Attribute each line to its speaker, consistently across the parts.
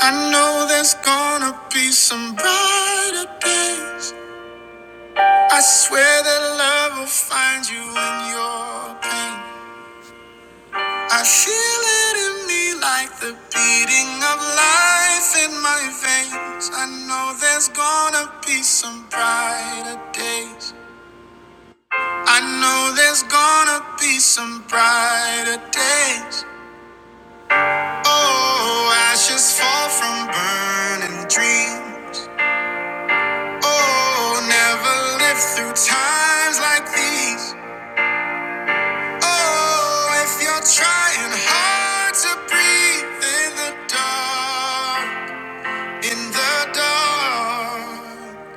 Speaker 1: I know there's gonna be some brighter days. I swear that love will find you in your pain. I feel it in me like the beating of life in my veins. I know there's gonna be some brighter days. I know there's gonna be some brighter days. Oh, ashes fall from burning dreams. Oh, never lived through times like these. Oh, if you're trying hard to breathe in the dark, in the dark,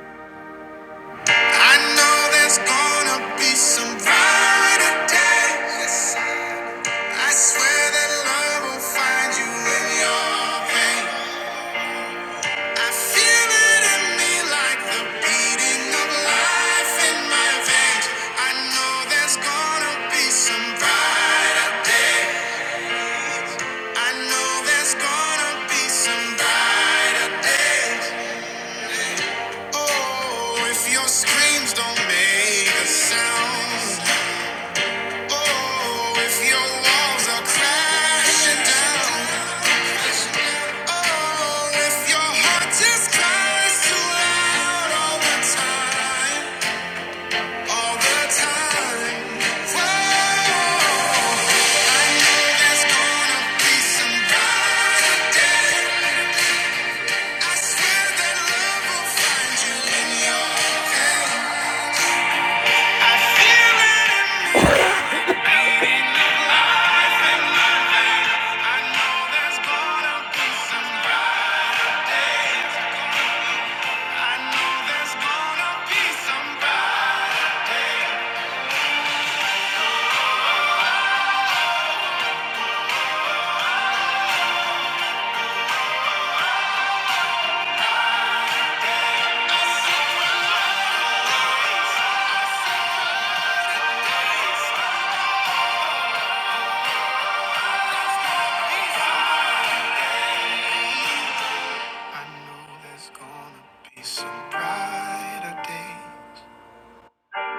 Speaker 1: I know there's gonna be some brighter days. I swear that love will find you in your pain. I feel it in me like the beating of life in my veins. I know there's gonna be some brighter day. I know there's gonna be some brighter days. Oh, if your screams don't make a sound. Oh, if your walls are crashing down, oh, if your heart just cries too loud all the time, all the time, whoa, I know there's gonna be some brighter day. I swear that love will find you in your pain. I feel it in me. I know there's gonna be somebody. I know there's gonna be some brighter day.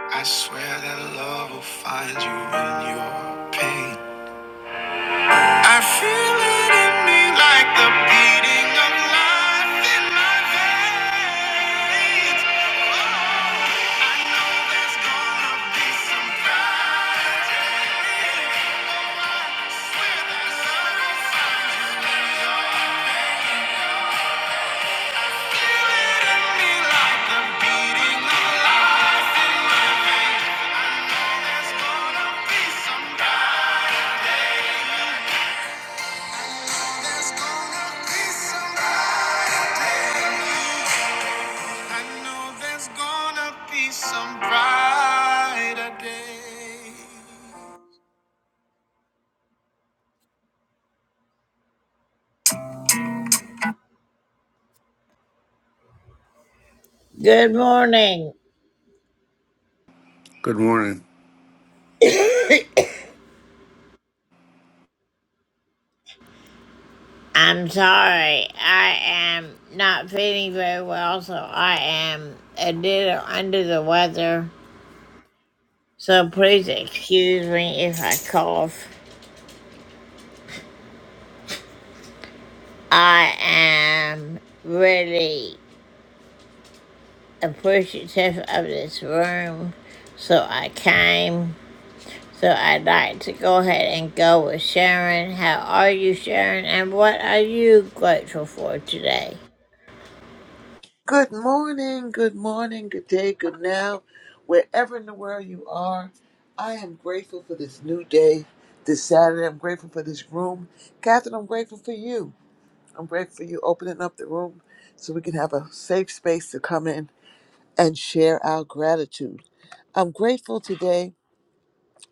Speaker 1: I swear that love will find you in your pain. I feel it in me like the beating of life in my veins. I know there's gonna be somebody like the beating of life. There's gonna be somebody. Good morning.
Speaker 2: Good morning.
Speaker 1: I'm sorry. I am not feeling very well, so I am a little under the weather. So please excuse me if I cough. I am really appreciative of this room, so I came. So I'd like to go ahead and go with Sharon. How are you, Sharon? And what are you grateful for today?
Speaker 3: Good morning, good morning, good day, good now, wherever in the world you are. I am grateful for this new day, this Saturday. I'm grateful for this room. Catherine, I'm grateful for you. I'm grateful for you opening up the room so we can have a safe space to come in and share our gratitude. I'm grateful today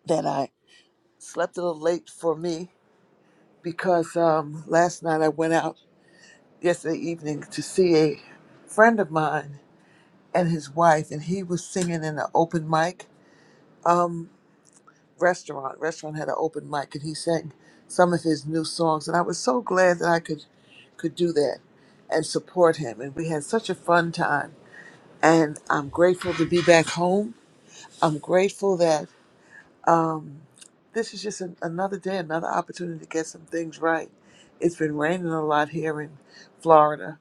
Speaker 3: that I slept a little late for me because um, last night I went out yesterday evening to see a friend of mine and his wife, and he was singing in an open mic um, restaurant. Restaurant had an open mic, and he sang some of his new songs. And I was so glad that I could could do that and support him. And we had such a fun time. And I'm grateful to be back home. I'm grateful that um, this is just an, another day, another opportunity to get some things right. It's been raining a lot here in Florida,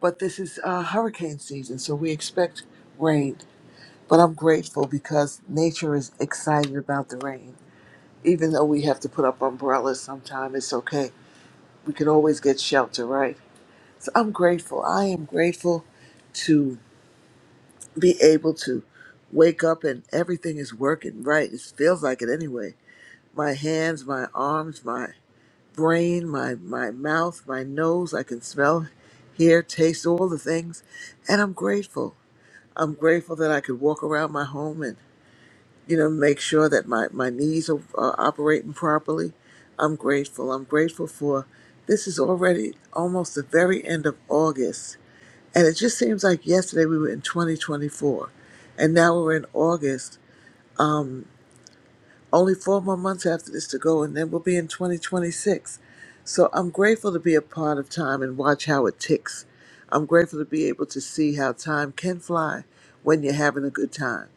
Speaker 3: but this is uh, hurricane season, so we expect rain But I'm grateful because nature is excited about the rain. Even though we have to put up umbrellas sometime, it's okay. We can always get shelter, right? So I'm grateful. I am grateful to be able to wake up and everything is working right. It feels like it anyway. My hands, my arms, my brain, my, my mouth, my nose. I can smell, hear, taste all the things. And I'm grateful. I'm grateful that I could walk around my home and. you know, make sure that my, my knees are, are operating properly. I'm grateful. I'm grateful for this is already almost the very end of August. And it just seems like yesterday we were in 2024. And now we're in August. Um, only four more months after this to go, and then we'll be in 2026. So I'm grateful to be a part of time and watch how it ticks. I'm grateful to be able to see how time can fly when you're having a good time.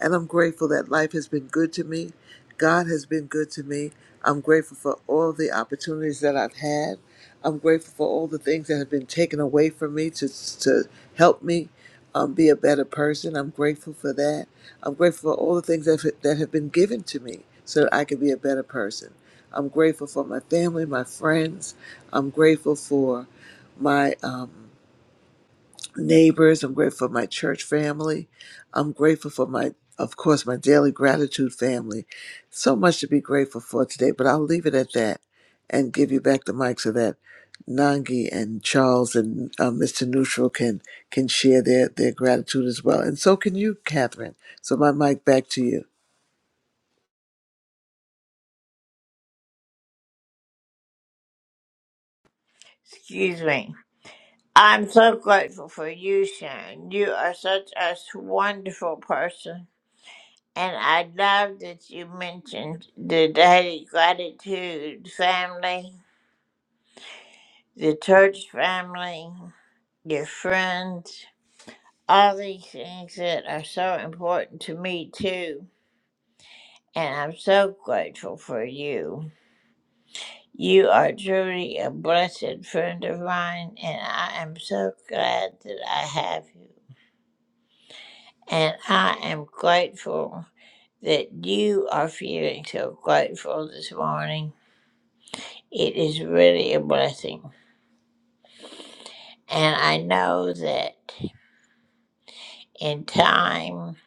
Speaker 3: And I'm grateful that life has been good to me. God has been good to me. I'm grateful for all the opportunities that I've had. I'm grateful for all the things that have been taken away from me to, to help me um, be a better person. I'm grateful for that. I'm grateful for all the things that, that have been given to me so that I can be a better person. I'm grateful for my family, my friends. I'm grateful for my um, neighbors. I'm grateful for my church family. I'm grateful for my, of course, my daily gratitude family. So much to be grateful for today, but I'll leave it at that and give you back the mic so that Nangi and Charles and uh, Mr. Neutral can can share their, their gratitude as well. And so can you, Catherine. So my mic back to you.
Speaker 1: Excuse me. I'm so grateful for you, Sharon. You are such a wonderful person. And I love that you mentioned the Daily Gratitude family, the church family, your friends, all these things that are so important to me, too. And I'm so grateful for you. You are truly a blessed friend of mine, and I am so glad that I have you. And I am grateful that you are feeling so grateful this morning. It is really a blessing. And I know that in time,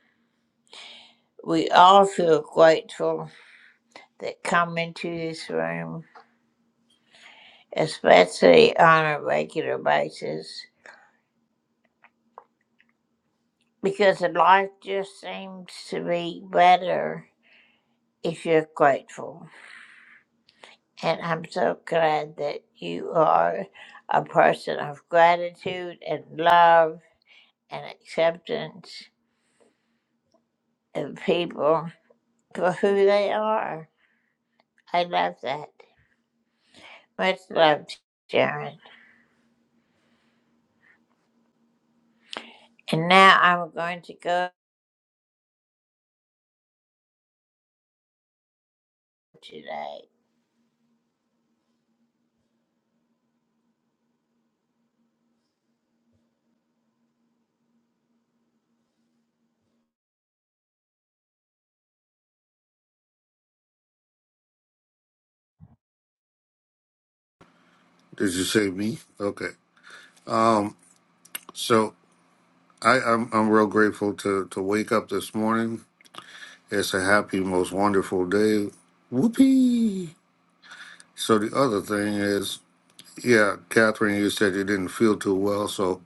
Speaker 1: we all feel grateful that come into this room, especially on a regular basis, because life just seems to be better if you're grateful. And I'm so glad that you are a person of gratitude and love and acceptance of people for who they are. I love that. Much love, Sharon. And now I'm going to go today.
Speaker 2: Did you say me? Okay. Um. So I, I'm I'm real grateful to to wake up this morning. It's a happy, most wonderful day. Whoopee! So the other thing is, yeah, Catherine, you said you didn't feel too well. So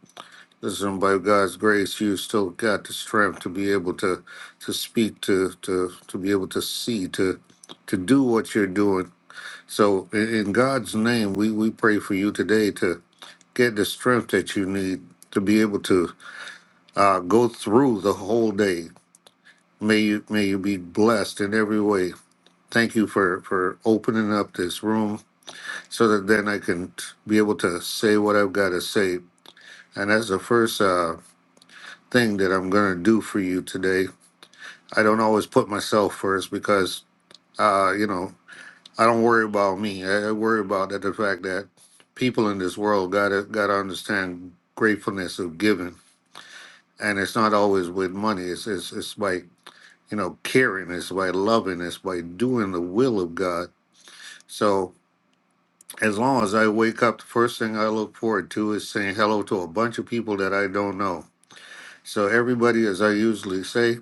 Speaker 2: listen, by God's grace, you still got the strength to be able to to speak, to to to be able to see, to to do what you're doing. So in, in God's name, we we pray for you today get the strength that you need to be able to uh, go through the whole day. May you may you be blessed in every way. Thank you for for opening up this room so that then I can t- be able to say what I've got to say. And that's the first uh, thing that I'm gonna do for you today. I don't always put myself first because uh, you know I don't worry about me. I, I worry about that the fact that people in this world gotta gotta understand gratefulness of giving and it's not always with money. It's it's it's by you know caring. It's by loving. It's by doing the will of God. So as long as I wake up, the first thing I look forward to is saying hello to a bunch of people that I don't know. So everybody, as I usually say,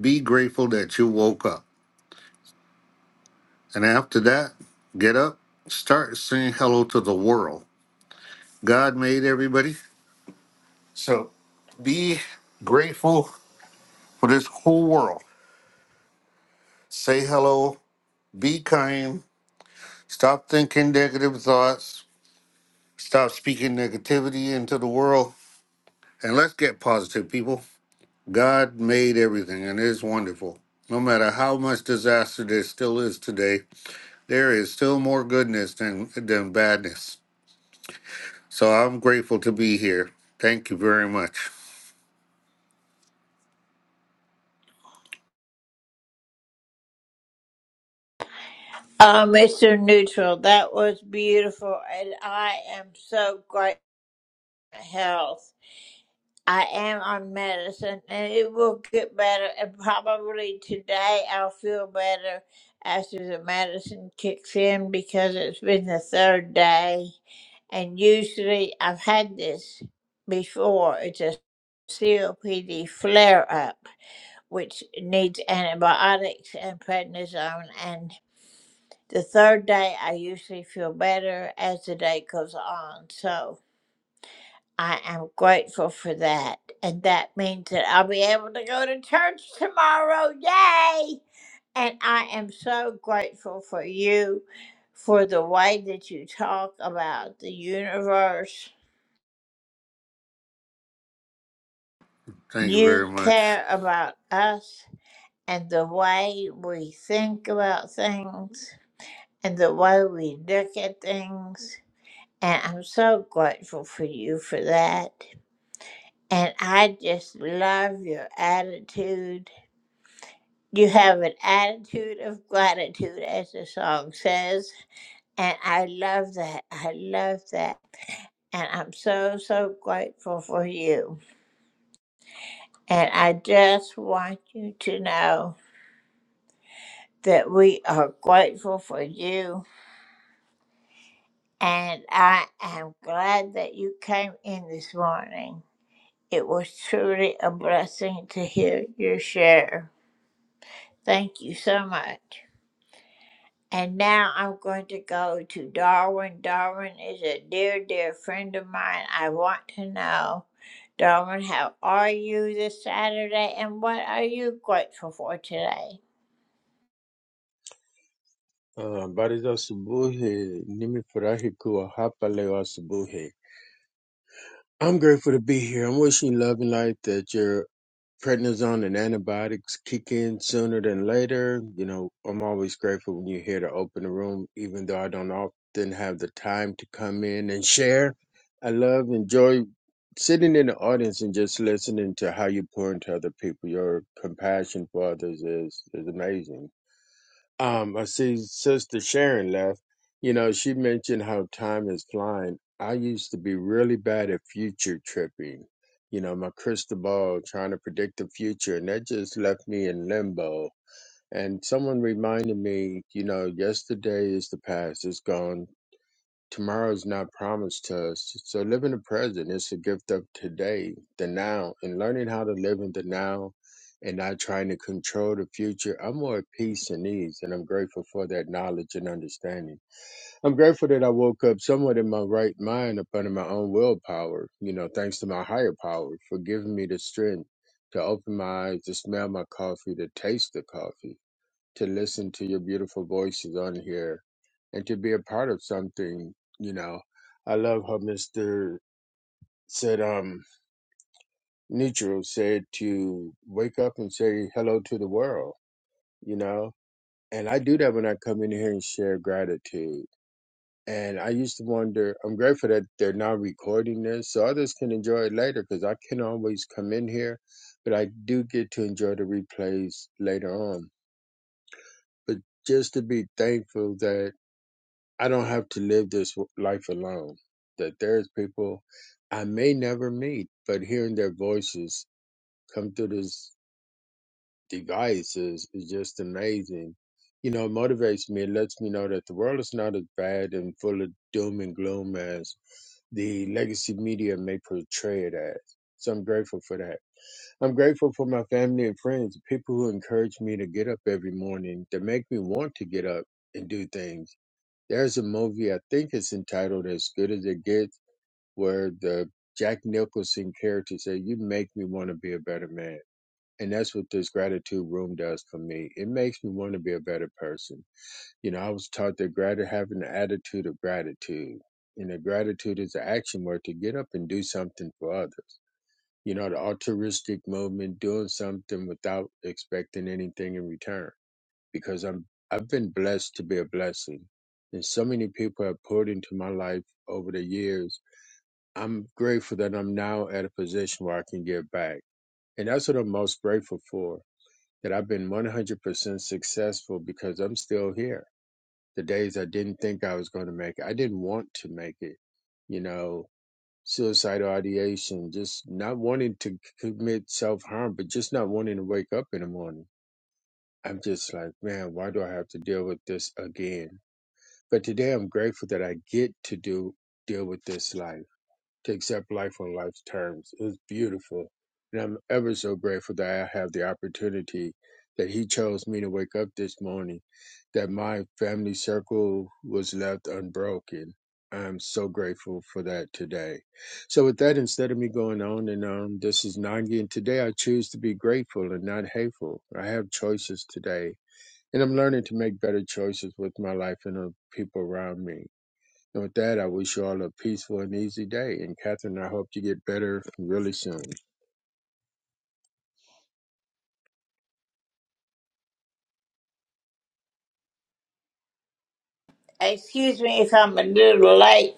Speaker 2: be grateful that you woke up, and after that, get up, start saying hello to the world. God made everybody, so be grateful for this whole world. Say hello. Be kind Stop thinking negative thoughts. Stop speaking negativity into the world. And let's get positive, people. God made everything and it is wonderful. No matter how much disaster there still is today, there is still more goodness than, than badness. So I'm grateful to be here. Thank you very much.
Speaker 1: Oh, Mr. Neutral, that was beautiful. And I am so grateful for health. I am on medicine and it will get better. And probably today I'll feel better after the medicine kicks in because it's been the third day. And usually I've had this before. It's a COPD flare up, which needs antibiotics and prednisone. And the third day I usually feel better as the day goes on. So. I am grateful for that. And that means that I'll be able to go to church tomorrow. Yay! And I am so grateful for you for the way that you talk about the universe.
Speaker 2: Thank you
Speaker 1: You
Speaker 2: very much.
Speaker 1: care about us and the way we think about things and the way we look at things. And I'm so grateful for you for that. And I just love your attitude You have an attitude of gratitude, as the song says. And I love that. I love that. And I'm so, so grateful for you. And I just want you to know that we are grateful for you. And I am glad that you came in this morning. It was truly a blessing to hear your share. Thank you so much. And now I'm going to go to Darwin. Darwin is a dear, dear friend of mine. I want to know, Darwin, how are you this Saturday and what are you grateful for today?
Speaker 4: Uh, habari za asubuhi. Nimefurahi kuwa hapa leo asubuhi. I'm grateful to be here. I'm wishing love and light that your prednisone and antibiotics kick in sooner than later. You know, I'm always grateful when you're here to open the room, even though I don't often have the time to come in and share. I love, enjoy sitting in the audience and just listening to how you pour into other people. Your compassion for others is, is amazing. Um, I see Sister Sharon left. You know, she mentioned how time is flying. I used to be really bad at future tripping. You know, my crystal ball trying to predict the future, and that just left me in limbo. And someone reminded me, you know, yesterday is the past, it's gone Tomorrow is not promised to us. So living the present is a gift of today, the now, and learning how to live in the now and not trying to control the future. I'm more at peace and ease, and I'm grateful for that knowledge and understanding. I'm grateful that I woke up somewhat in my right mind up under my own willpower, you know, thanks to my higher power for giving me the strength to open my eyes, to smell my coffee, to taste the coffee to listen to your beautiful voices on here and to be a part of something, you know. I love how Mr. said um Nietzsche said to wake up and say hello to the world, you know. And I do that when I come in here and share gratitude. And I used to wonder, I'm grateful that they're now recording this so others can enjoy it later because I can always come in here, but I do get to enjoy the replays later on. But just to be thankful that I don't have to live this w- life alone. That there's people I may never meet, but hearing their voices come through this device is, is just amazing. You know, it motivates me. It lets me know that the world is not as bad and full of doom and gloom as the legacy media may portray it as. So I'm grateful for that. I'm grateful for my family and friends, people who encourage me to get up every morning, that make me want to get up and do things there's a movie I think it's entitled "As Good as It Gets," where the Jack Nicholson character said, "You make me want to be a better man." And that's what this gratitude room does for me. It makes me want to be a better person. You know, I was taught that gratitude, having an attitude of gratitude, you know, gratitude is an action word to get up and do something for others. You know, the altruistic movement, doing something without expecting anything in return because I'm I've been blessed to be a blessing. And so many people have poured into my life over the years. I'm grateful that I'm now at a position where I can give back. And that's what I'm most grateful for. That I've been 100% successful because I'm still here. The days I didn't think I was going to make it, I didn't want to make it. You know, suicidal ideation, just not wanting to commit self harm, but just not wanting to wake up in the morning. I'm just like, man, why do I have to deal with this again? But today I'm grateful that I get to do deal with this life, to accept life on life's terms. It was beautiful. And I'm ever so grateful that I have the opportunity that he chose me to wake up this morning, that my family circle was left unbroken. I'm so grateful for that today. So with that, instead of me going on and on, this is Nangi, and today I choose to be grateful and not hateful. I have choices today and I'm learning to make better choices with my life and the people around me. And with that, I wish you all a peaceful and easy day. And Catherine, I hope you get better really soon.
Speaker 1: Excuse me if I'm a little late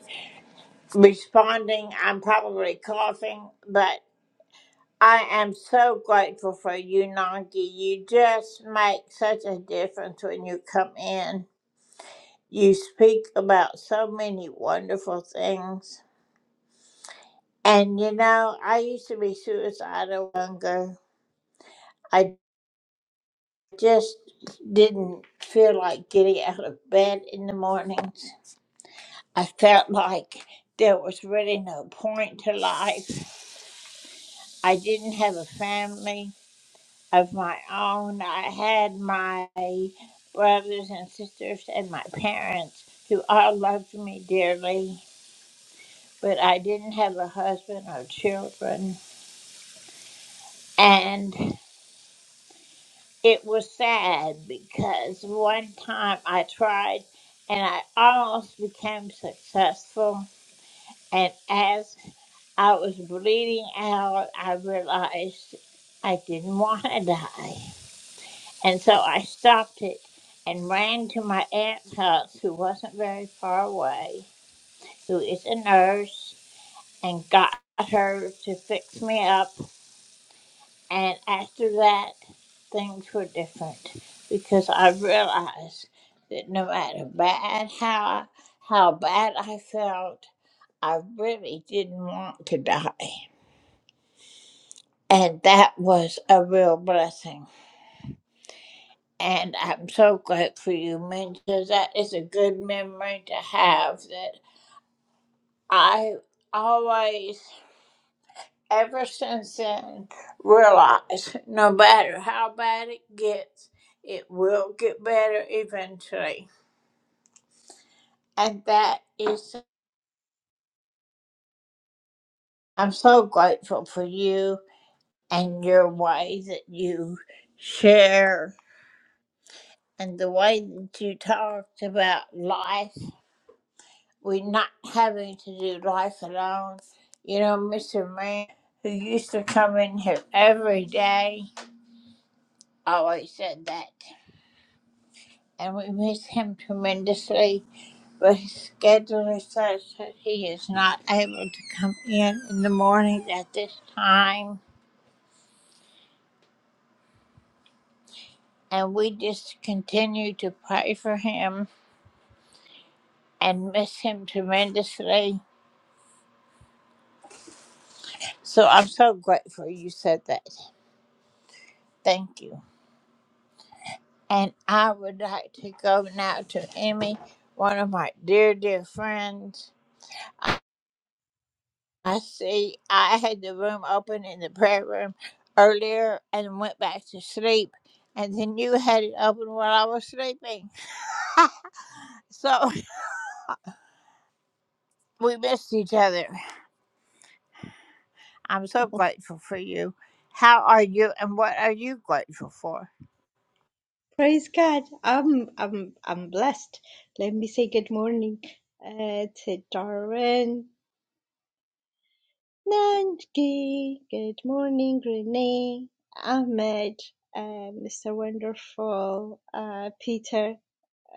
Speaker 1: responding. I'm probably coughing, but I am so grateful for you, Nanki. You just make such a difference when you come in. You speak about so many wonderful things And you know, I used to be suicidal younger. I just didn't feel like getting out of bed in the mornings. I felt like there was really no point to life. I didn't have a family of my own. I had my brothers and sisters and my parents who all loved me dearly, but I didn't have a husband or children. And It was sad because one time I tried and I almost became successful. And as I was bleeding out, I realized I didn't want to die. And so I stopped it and ran to my aunt's house, who wasn't very far away, who is a nurse, and got her to fix me up. And after that, things were different because I realized that no matter bad how how bad I felt, I really didn't want to die. And that was a real blessing. And I'm so glad for you mentioned that. It's a good memory to have that I always ever since then realize no matter how bad it gets, it will get better eventually. And that is, I'm so grateful for you and your way that you share and the way that you talked about life. We're not having to do life alone. You know, Mr. Man, who used to come in here every day, always said that. And we miss him tremendously but his schedule is such that he is not able to come in in the morning at this time. And we just continue to pray for him and miss him tremendously. So I'm so grateful you said that. Thank you. And I would like to go now to Emmy, one of my dear, dear friends. I see I had the room open in the prayer room earlier and went back to sleep. And then you had it open while I was sleeping. so we missed each other. I'm so grateful for you. How are you and what are you grateful for?
Speaker 5: Praise God. I'm I'm I'm blessed. Let me say good morning uh, to Darwin, Nanki. Good morning, Renee, Ahmed, uh, Mr. Wonderful, uh, Peter,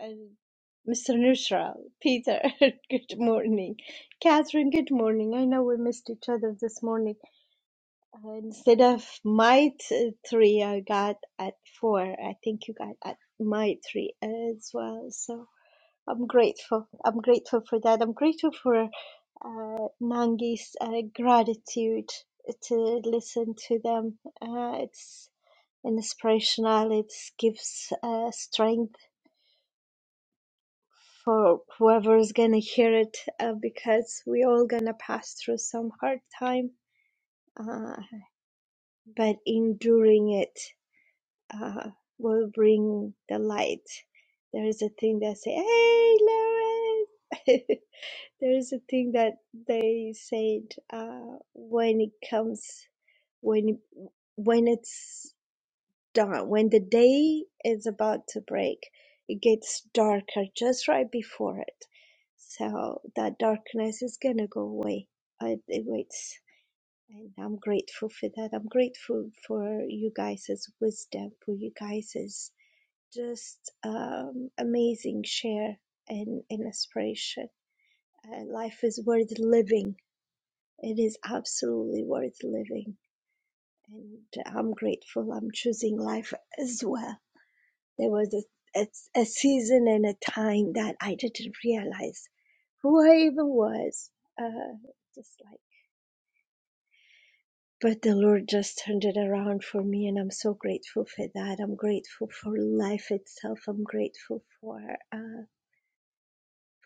Speaker 5: and Mr. Neutral. Peter, good morning. Catherine, good morning. I know we missed each other this morning. Uh, instead of my t- three, I got at four. I think you got at my three as well. So. I'm grateful. I'm grateful for that. I'm grateful for uh, Nangi's uh, gratitude to listen to them. Uh, it's inspirational. It gives uh, strength for whoever is gonna hear it uh, because we all gonna pass through some hard time, uh, but enduring it uh, will bring the light. There is a thing that say, "Hey, Lauren." There is a thing that they said uh, when it comes when when it's done when the day is about to break, it gets darker just right before it. So that darkness is gonna go away. It, it waits, and I'm grateful for that. I'm grateful for you guys' wisdom, for you guys' just um, amazing share and, and inspiration. Uh, life is worth living it is absolutely worth living, and I'm grateful I'm choosing life as well. There was a, a, a season and a time that I didn't realize who I even was. Uh, just like, but the Lord just turned it around for me, and I'm so grateful for that. I'm grateful for life itself. I'm grateful for uh,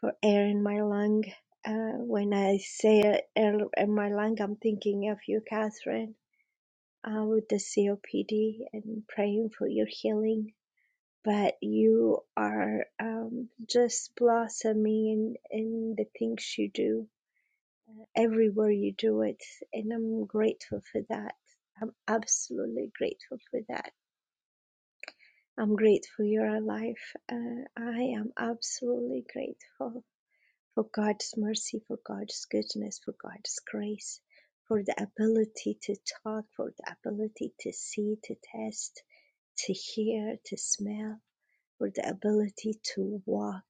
Speaker 5: for air in my lung. Uh, when I say air in my lung, I'm thinking of you, Catherine uh, with the COPD and praying for your healing. But you are um, just blossoming in, in the things you do, everywhere you do it. And I'm grateful for that. I'm absolutely grateful for that. I'm grateful you're alive. Uh, I am absolutely grateful for God's mercy, for God's goodness, for God's grace, for the ability to talk, for the ability to see, to test to hear, to smell, or the ability to walk.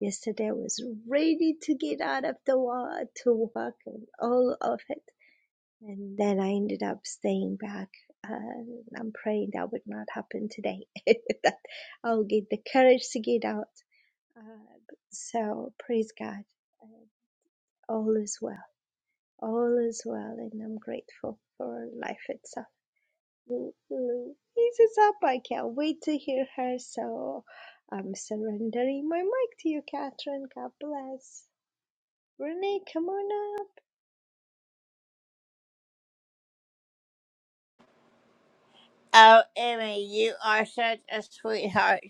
Speaker 5: Yesterday I was ready to get out of the water to walk and all of it. And then I ended up staying back. And I'm praying that would not happen today, that I'll get the courage to get out. Uh, so praise God. Uh, All is well. All is well. And I'm grateful for life itself. Louise is up. I can't wait to hear her. So I'm surrendering my mic to you, Catherine. God bless. Renee, come on up.
Speaker 1: Oh, Emmy, you are such a sweetheart.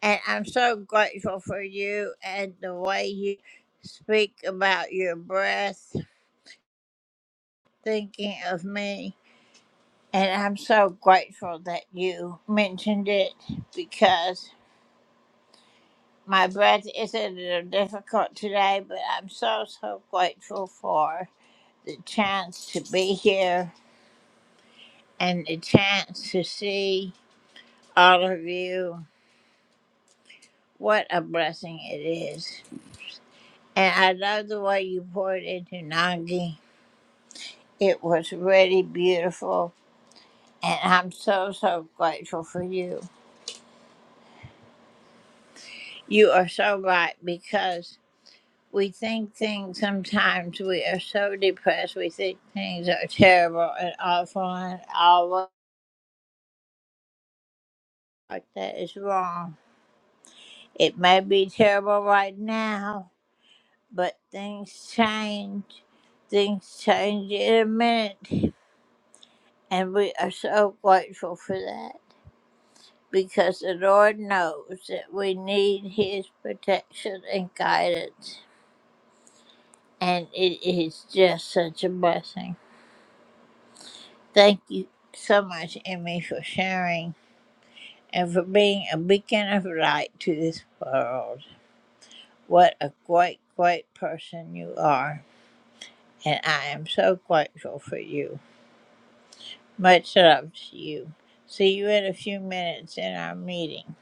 Speaker 1: And I'm so grateful for you and the way you speak about your breath, thinking of me. And I'm so grateful that you mentioned it because my breath isn't a little difficult today, but I'm so, so grateful for. the chance to be here and the chance to see all of you. What a blessing it is. And I love the way you poured into Nangi. It was really beautiful. And I'm so, so grateful for you. You are so right because we think things sometimes, we are so depressed. We think things are terrible and awful and all like that is wrong. It may be terrible right now, but things change. Things change in a minute. And we are so grateful for that because the Lord knows that we need His protection and guidance. And it is just such a blessing. Thank you so much, Emmy, for sharing and for being a beacon of light to this world. What a great, great person you are. And I am so grateful for you. Much love to you. See you in a few minutes in our meeting.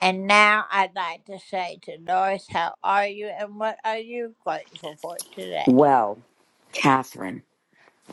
Speaker 1: And now I'd like to say to Doris, how are you and what are you grateful for today?
Speaker 6: Well, Catherine,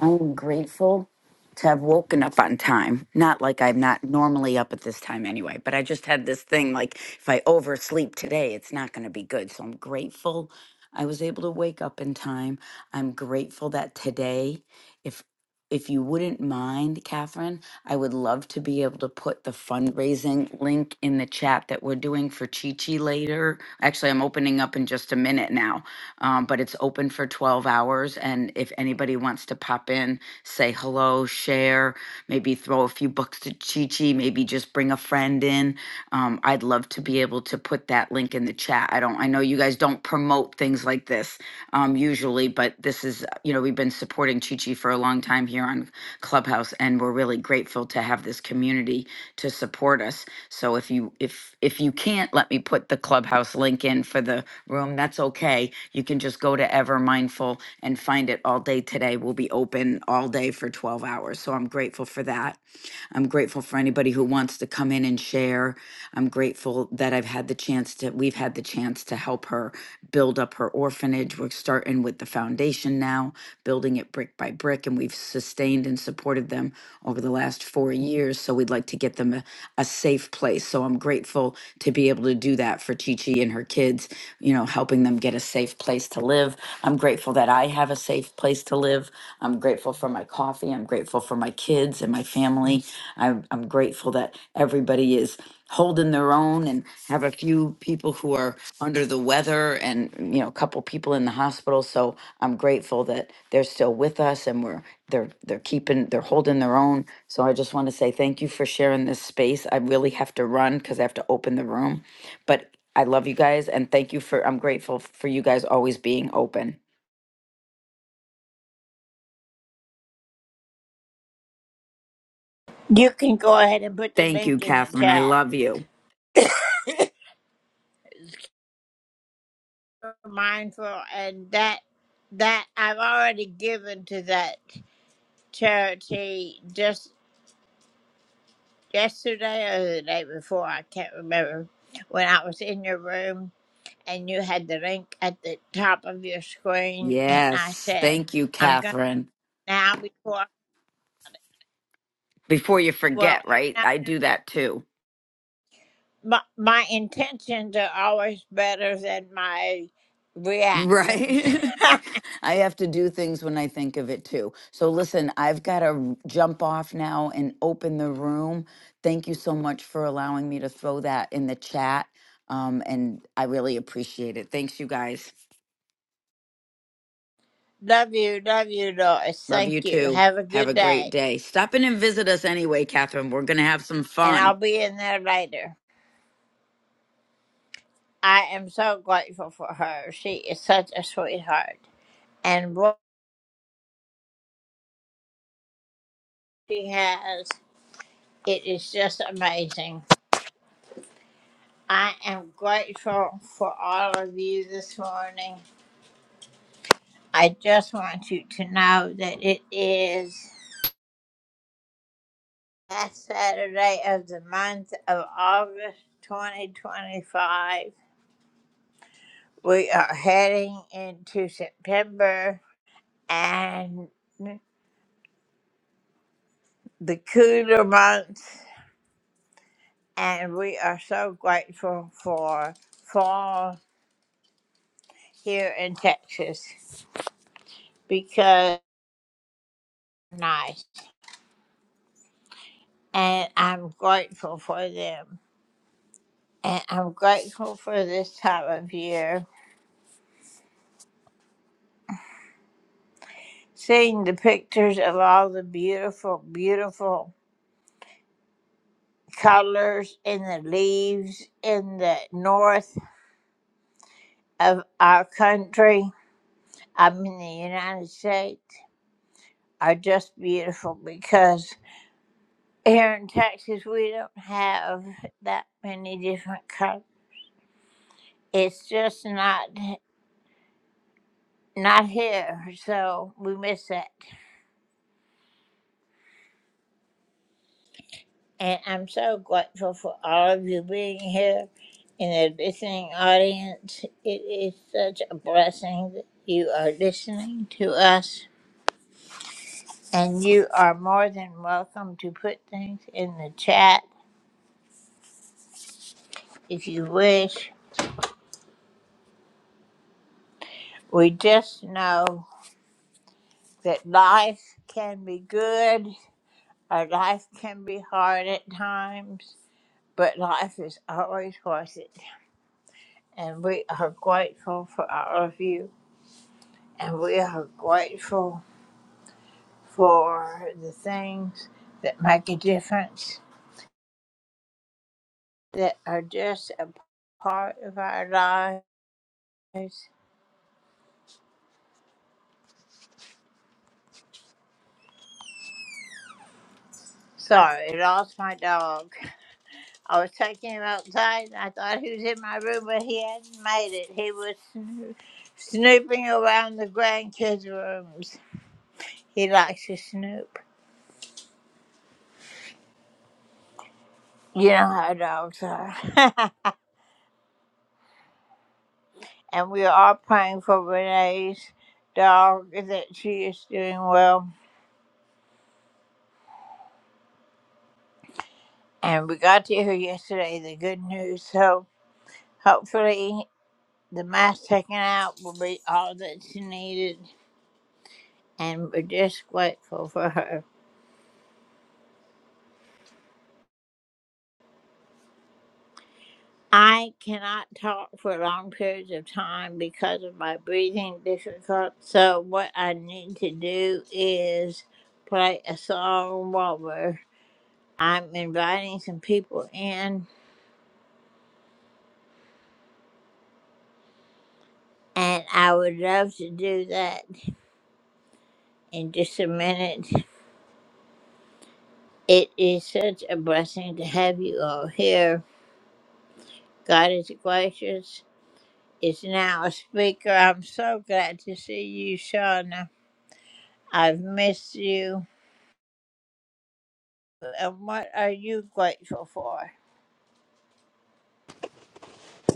Speaker 6: I am grateful to have woken up on time. Not like I'm not normally up at this time anyway, but I just had this thing like if I oversleep today, it's not going to be good. So I'm grateful I was able to wake up in time. I'm grateful that today, if if you wouldn't mind, Catherine, I would love to be able to put the fundraising link in the chat that we're doing for Chi Chi later. Actually, I'm opening up in just a minute now, um, but it's open for 12 hours. And if anybody wants to pop in, say hello, share, maybe throw a few books to Chi Chi, maybe just bring a friend in. Um, I'd love to be able to put that link in the chat. I don't, I know you guys don't promote things like this um, usually, but this is, you know, we've been supporting Chi Chi for a long time here on Clubhouse and we're really grateful to have this community to support us. So if you if if you can't let me put the clubhouse link in for the room, that's okay. You can just go to Ever Mindful and find it all day today. We'll be open all day for 12 hours. So I'm grateful for that. I'm grateful for anybody who wants to come in and share. I'm grateful that I've had the chance to we've had the chance to help her build up her orphanage. We're starting with the foundation now, building it brick by brick and we've sustained trained and supported them over the last four years. So we'd like to get them a, a safe place. So I'm grateful to be able to do that for Chi Chi and her kids, you know, helping them get a safe place to live. I'm grateful that I have a safe place to live. I'm grateful for my coffee. I'm grateful for my kids and my family. I'm, I'm grateful that everybody is holding their own and have a few people who are under the weather and you know a couple people in the hospital so i'm grateful that they're still with us and we're they're they're keeping they're holding their own so i just want to say thank you for sharing this space i really have to run because i have to open the room but i love you guys and thank you for i'm grateful for you guys always being open
Speaker 1: You can go ahead and put the
Speaker 6: thank you
Speaker 1: link in the
Speaker 6: catherine i
Speaker 1: chat.
Speaker 6: love you
Speaker 1: Mindful and that that I've already given to that charity just yesterday or the day before, I can't remember, when I was in your room and you had the link at the top of your screen and I
Speaker 6: yes
Speaker 1: said,
Speaker 6: thank you
Speaker 1: I'm gonna.
Speaker 6: catherine
Speaker 1: now before
Speaker 6: before you
Speaker 1: well
Speaker 6: forget
Speaker 1: you
Speaker 6: right
Speaker 1: know
Speaker 6: i do that too
Speaker 1: my, my intentions are always better than my reactions
Speaker 6: Right. I have to do things when I think of it too. So listen, I've got to jump off now and open the room. Thank you so much for allowing me to throw that in the chat. Um, and I really appreciate it. Thanks, you guys.
Speaker 1: love you love you lois
Speaker 6: Love
Speaker 1: thank
Speaker 6: you
Speaker 1: you
Speaker 6: too.
Speaker 1: have a
Speaker 6: Have
Speaker 1: good
Speaker 6: a
Speaker 1: day
Speaker 6: great day. Stop in and visit us anyway, Catherine. We're going to have some
Speaker 1: and i'll
Speaker 6: fun.
Speaker 1: be in there later i am so grateful for her she is such a sweetheart and what she has it is just amazing i am grateful for all of you this morning i just want you to know that it is last Saturday of the month of August 2025. We are heading into September and the cooler months, and we are so grateful for fall here in Texas because it's nice, and I'm grateful for them. And I'm grateful for this time of year, seeing the pictures of all the beautiful, beautiful colors in the leaves in the north of our country, I'm in the United States, are just beautiful because here in Texas we don't have that many different colors. It's just not not here, so we miss that. And I'm so grateful for all of you being here in the listening audience. It is such a blessing that you are listening to us. And you are more than welcome to put things in the chat if you wish. We just know that life can be good or life can be hard at times, but life is always worth it. And we are grateful for all of you, and we are grateful for the things that make a difference, that are just a part of our lives. Sorry, I lost my dog. I was taking him outside. and I thought he was in my room, but he hadn't made it. He was snoo- snooping around the grandkids' rooms. He likes to snoop. You know how dogs are. and we are all praying for Renee's dog that she is doing well. And we got to hear yesterday the good news. So hopefully the mask taken out will be all that she needed. And we're just grateful for her. I cannot talk for long periods of time because of my breathing difficult. So what I need to do is play a song while we're I'm inviting some people in and I would love to do that in just a minute. It is such a blessing to have you all here. God is gracious. Is now a speaker. I'm so glad to see you, Shauna. I've missed you. and what are you grateful for?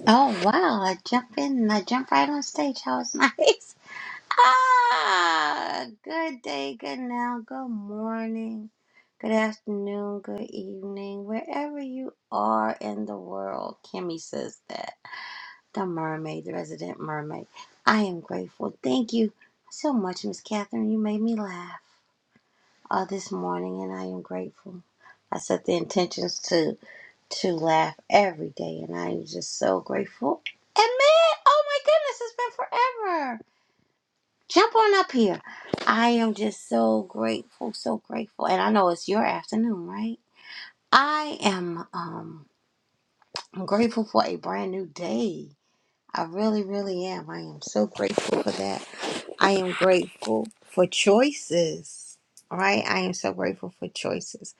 Speaker 7: Oh wow! I jump in. I jump right on stage. That was nice. Ah, good day, good now, good morning, good afternoon, good evening, wherever you are in the world. Kimmy says that the mermaid, the resident mermaid. I am grateful. Thank you so much, Miss Catherine. You made me laugh uh, this morning, and I am grateful. I set the intentions to to laugh every day, and I am just so grateful. And man, oh my goodness, it's been forever. Jump on up here. I am just so grateful, so grateful, and I know it's your afternoon, right? I am um grateful for a brand new day. I really, really am. I am so grateful for that. I am grateful for choices. Right? I am so grateful for choices.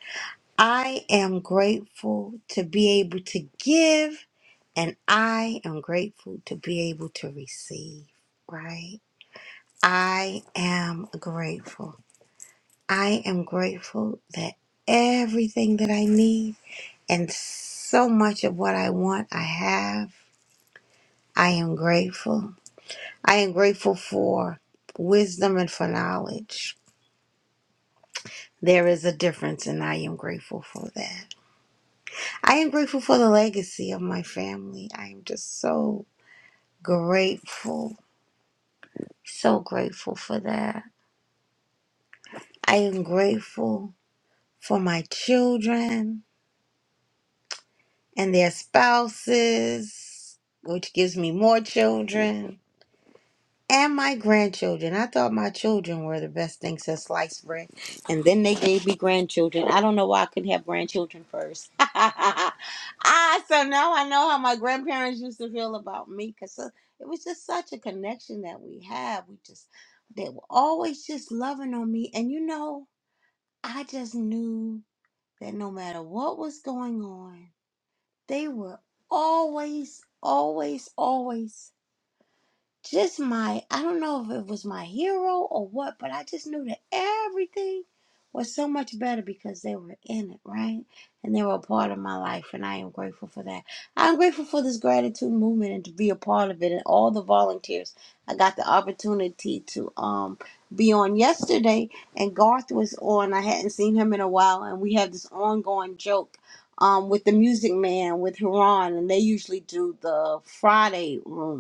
Speaker 7: I am grateful to be able to give, and I am grateful to be able to receive, right? I am grateful. I am grateful that everything that I need and so much of what I want, I have. I am grateful. I am grateful for wisdom and for knowledge. There is a difference, and I am grateful for that. I am grateful for the legacy of my family. I am just so grateful, so grateful for that. I am grateful for my children and their spouses, which gives me more children. and my grandchildren. I thought my children were the best thing since sliced bread. And then they gave me grandchildren. I don't know why I couldn't have grandchildren first. ah, so now I know how my grandparents used to feel about me because it was just such a connection that we had. We just, they were always just loving on me. And you know, I just knew that no matter what was going on, they were always, always, always just my I don't know if it was my hero or what, but I just knew that everything was so much better because they were in it, right? And they were a part of my life and I am grateful for that. I'm grateful for this gratitude movement and to be a part of it and all the volunteers. I got the opportunity to um be on yesterday and Garth was on. I hadn't seen him in a while and we have this ongoing joke um with the music man with Huron and they usually do the Friday room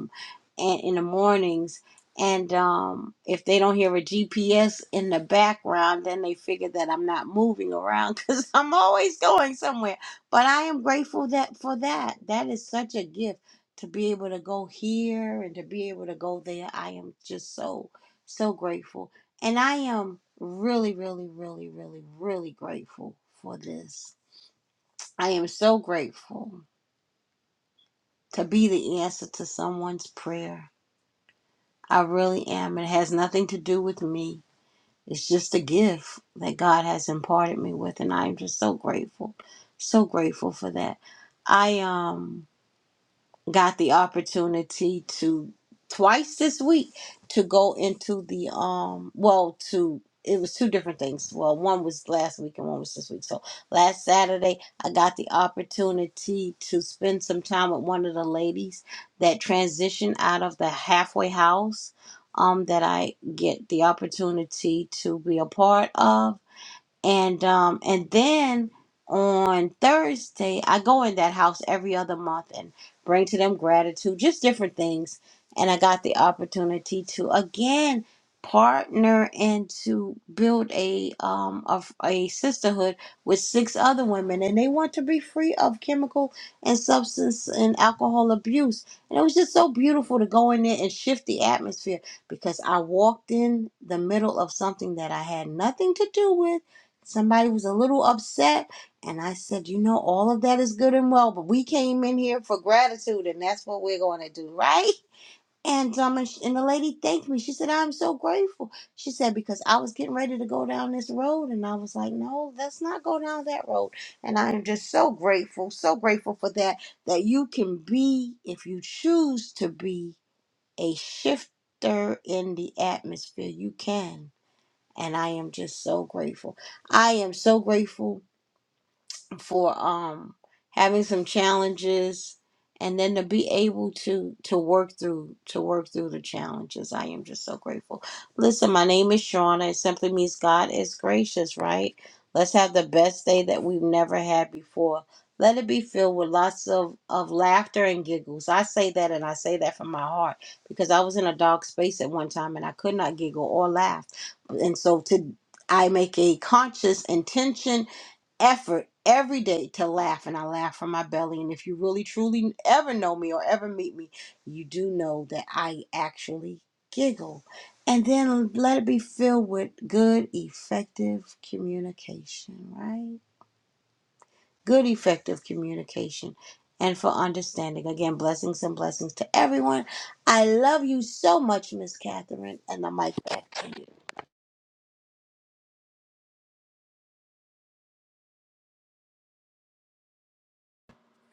Speaker 7: and in the mornings and um if they don't hear a gps in the background then they figure that i'm not moving around because i'm always going somewhere but i am grateful that for that that is such a gift to be able to go here and to be able to go there i am just so so grateful and i am really really really really really grateful for this i am so grateful to be the answer to someone's prayer I really am. It has nothing to do with me. It's just a gift that God has imparted me with, and I am just so grateful, so grateful for that. I um got the opportunity to twice this week to go into the um well to it was two different things well one was last week and one was this week so last saturday i got the opportunity to spend some time with one of the ladies that transitioned out of the halfway house um that i get the opportunity to be a part of and um and then on Thursday I go in that house every other month and bring to them gratitude, just different things. And I got the opportunity to again partner and to build a um a, a sisterhood with six other women and they want to be free of chemical and substance and alcohol abuse and it was just so beautiful to go in there and shift the atmosphere because i walked in the middle of something that i had nothing to do with Somebody was a little upset, and I said, You know, all of that is good and well, but we came in here for gratitude, and that's what we're going to do, right? And um, and, sh- and the lady thanked me. She said, "I'm so grateful." She said because I was getting ready to go down this road, and I was like, "No, let's not go down that road." And I am just so grateful, so grateful for that. That you can be, if you choose to be, a shifter in the atmosphere. You can. And I am just so grateful. I am so grateful for um having some challenges and then to be able to to work through to work through the challenges i am just so grateful listen my name is shauna it simply means god is gracious right let's have the best day that we've never had before let it be filled with lots of, of laughter and giggles. I say that and I say that from my heart because I was in a dark space at one time and I could not giggle or laugh. And so to I make a conscious intention effort every day to laugh and I laugh from my belly. And if you really truly ever know me or ever meet me, you do know that I actually giggle. And then let it be filled with good, effective communication, right? Good, effective communication and for understanding. Again, blessings and blessings to everyone. I love you so much, Miss Catherine, and the mic back to you.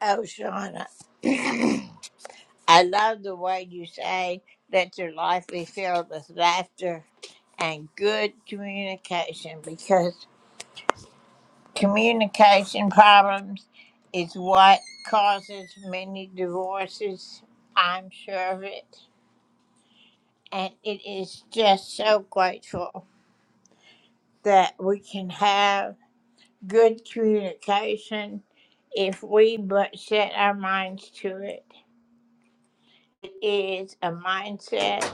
Speaker 1: Oh, Shauna, I love the way you say, let your life be filled with laughter and good communication because communication problems is what causes many divorces. I'm sure of it. And it is just so grateful that we can have good communication if we but set our minds to it. is a mindset.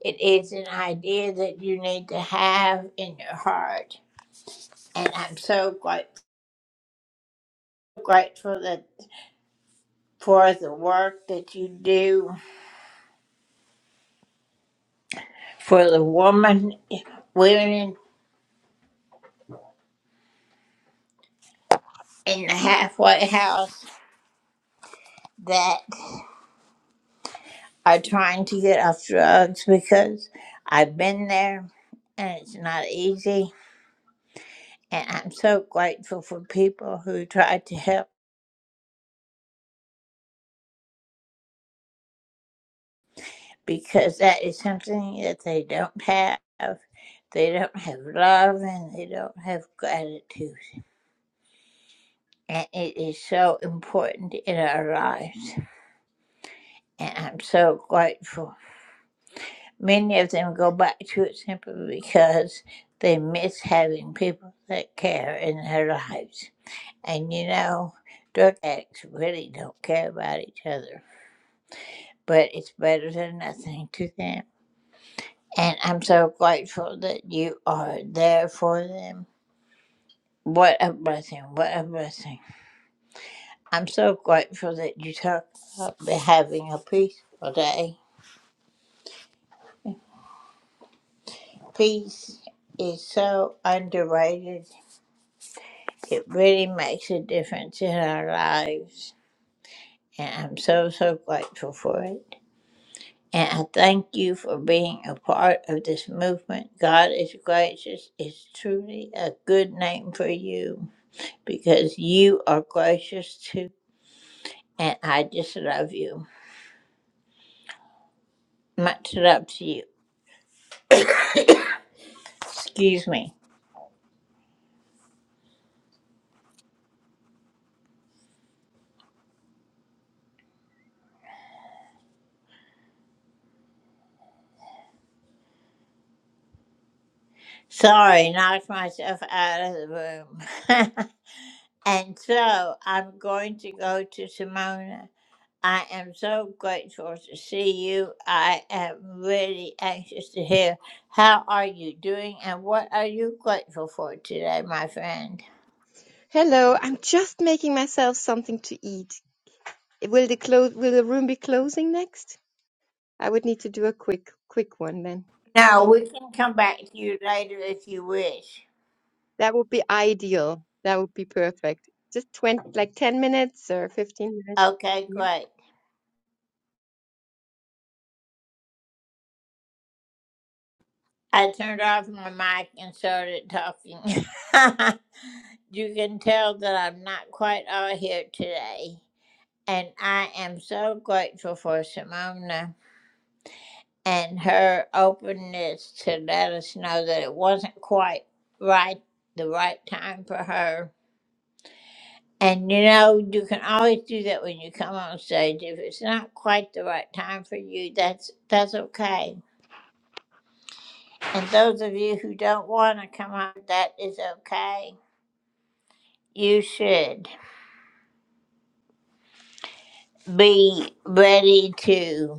Speaker 1: It is an idea that you need to have in your heart. And I'm so grateful grateful that for the work that you do for the woman, women in the halfway house that are trying to get off drugs because I've been there and it's not easy. And I'm so grateful for people who try to help because that is something that they don't have. They don't have love and they don't have gratitude. And it is so important in our lives. And I'm so grateful. Many of them go back to it simply because they miss having people that care in their lives. And you know, drug addicts really don't care about each other, but it's better than nothing to them. And I'm so grateful that you are there for them What a blessing. What a blessing. I'm so grateful that you talk about having a peaceful day. Peace is so underrated. It really makes a difference in our lives. And I'm so, so grateful for it. And I thank you for being a part of this movement. God is gracious is truly a good name for you because you are gracious too. And I just love you. Much love to you. Excuse me. Sorry, knocked myself out of the room. and so I'm going to go to Simona. I am so grateful to see you. I am really anxious to hear how are you doing and what are you grateful for today, my friend.
Speaker 8: Hello, I'm just making myself something to eat. Will the close will the room be closing next? I would need to do a quick quick one then.
Speaker 1: Now we can come back to you later if you wish.
Speaker 8: That would be ideal. That would be perfect. Just 20 like 10 minutes or 15 minutes.
Speaker 1: Okay,
Speaker 8: Yeah.
Speaker 1: great. I turned off my mic and started talking. you can tell that I'm not quite all here today. And I am so grateful for Simona and her openness to let us know that it wasn't quite right, the right time for her. And you know, you can always do that when you come on stage. If it's not quite the right time for you, that's that's okay. And those of you who don't want to come on, that is okay. You should be ready to.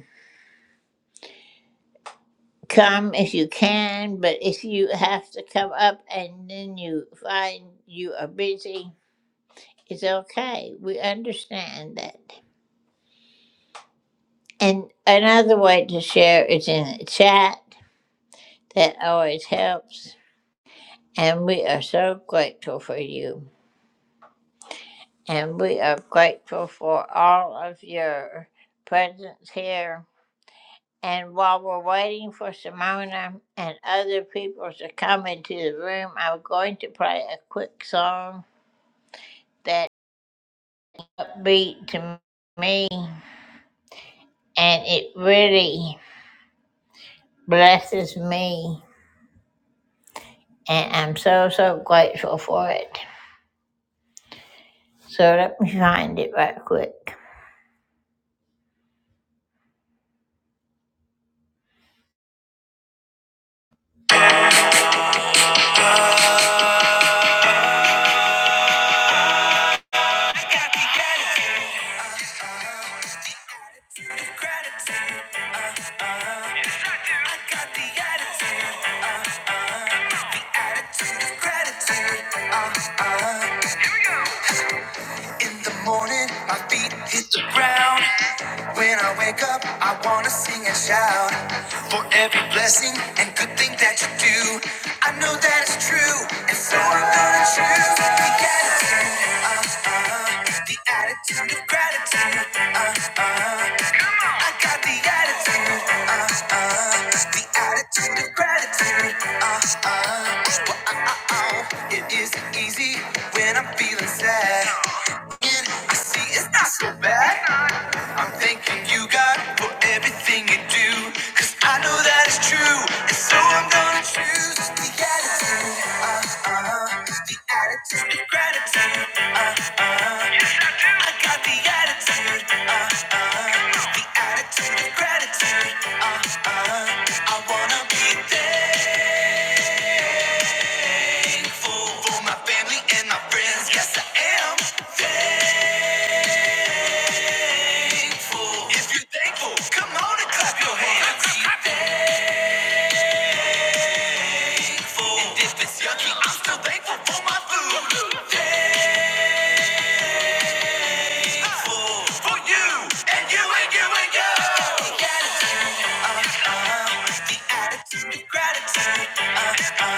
Speaker 1: Come if you can, but if you have to come up and then you find you are busy, it's okay. We understand that. And another way to share is in the chat. That always helps. And we are so grateful for you. And we are grateful for all of your presence here. And while we're waiting for Simona and other people to come into the room, I'm going to play a quick song that upbeat to me and it really blesses me and I'm so so grateful for it. So let me find it right quick. When I wake up, I wanna sing for every blessing and good thing that you do. I know that it's true, and so I'm gonna choose. We got the attitude to gratitude. I got the uh, uh. the attitude of gratitude, uh, uh. It isn't easy when I'm feeling sad. You see, it's not so bad. I'm thanking you, God, for everything you do. Cause I know that it's true. And so I'm gonna choose the attitude. Uh, uh, the attitude of gratitude. Uh, uh, yes, I do. I got the attitude. Uh, uh, the attitude of gratitude. Uh, uh, I wanna be thankful for my family and my friends. Yes, I am thankful. If you're thankful, come on and clap your hands. Be Thankful. And if it's yucky, I'm still thankful for my food. Thankful for you and you and you and you. The attitude of gratitude. Uh, uh,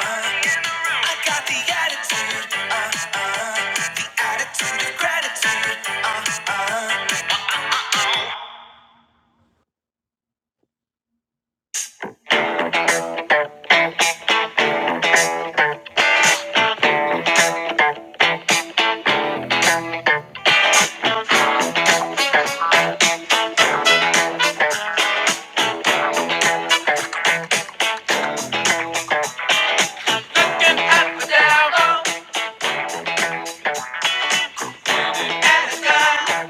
Speaker 1: I got the attitude. Uh, uh, the attitude of gratitude. Uh, looking up and down, low and the sky.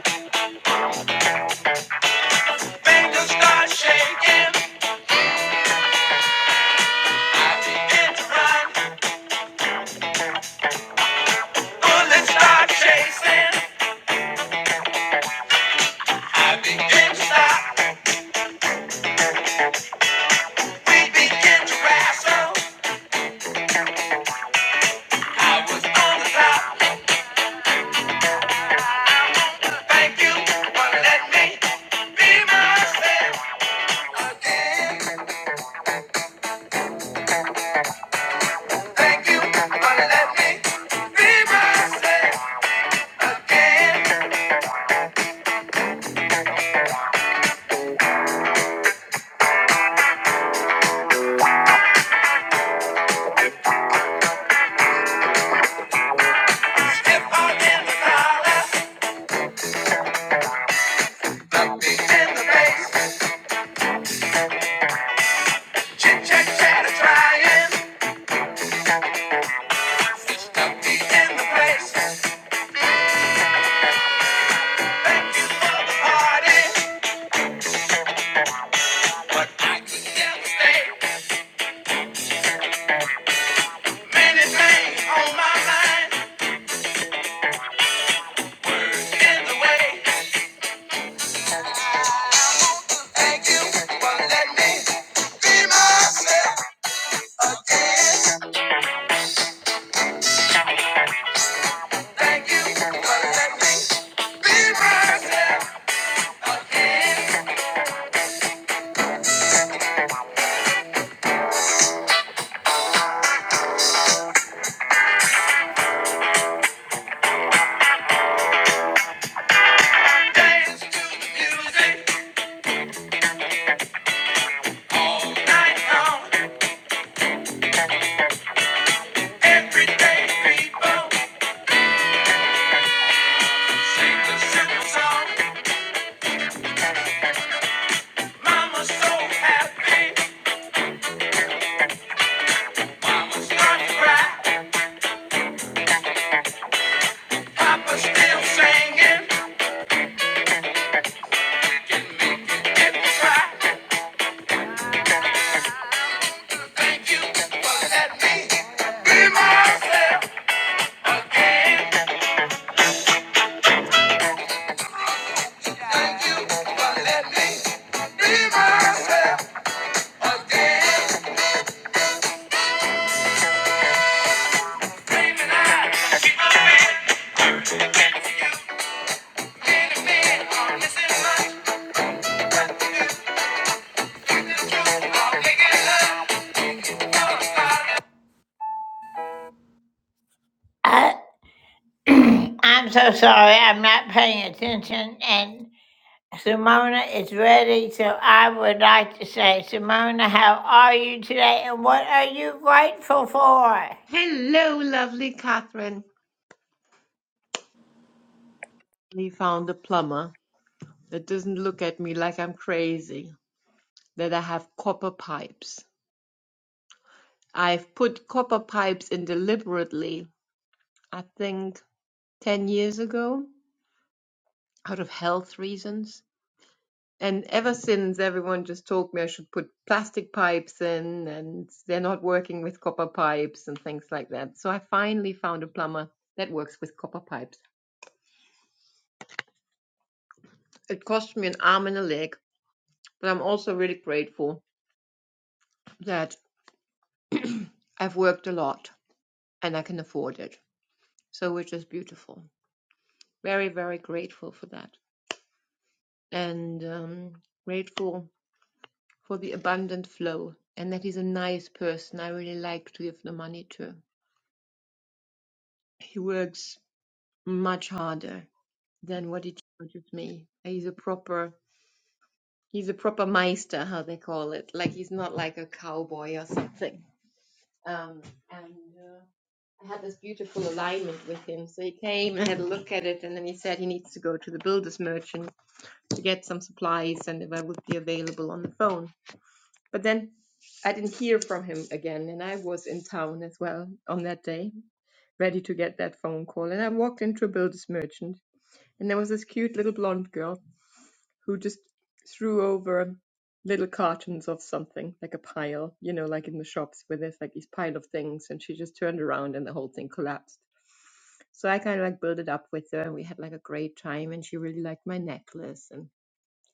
Speaker 1: Fingers start shaking, begin to run. Bullets start chasing. I begin to stop. We begin to wrestle. I was on the top. Thank you for letting me be myself. Thank you for letting me be myself again. in the dollar, in the face, chit chat trying, in the place. Thank you for the party. Yesterday, many things on my mind, in the way. Thank you for letting me be myself again. Thank you for letting me be myself again. Dance to the music, night long, every day people. I- am so sorry, I'm not paying attention and Simona is ready, so I would like to say, Simona, how are you today and what are you grateful for?
Speaker 8: Hello, lovely Catherine. We found a plumber that doesn't look at me like I'm crazy, that I have copper pipes. I've put copper pipes in deliberately, I think 10 years ago, out of health reasons. And ever since, everyone just told me I should put plastic pipes in, and they're not working with copper pipes and things like that. So I finally found a plumber that works with copper pipes. It cost me an arm and a leg, but I'm also really grateful that I've worked a lot and I can afford it. So, which is beautiful. Very, very grateful for that. And um, grateful for the abundant flow and that he's a nice person I really like to give the money to. He works much harder than what it teaches me. He's a proper he's a proper meister, how they call it. Like he's not like a cowboy or something. Um, and uh, I had this beautiful alignment with him. So he came and had a look at it, and then he said he needs to go to the builder's merchant to get some supplies, and if I would be available on the phone. But then I didn't hear from him again, and I was in town as well on that day, ready to get that phone call. And I walked into a builder's merchant And there was this cute little blonde girl who just threw over little cartons of something, like a pile, you know, like in the shops where there's like these pile of things, and she just turned around and the whole thing collapsed. So I kind of like built it up with her, and we had like a great time, and she really liked my necklace, and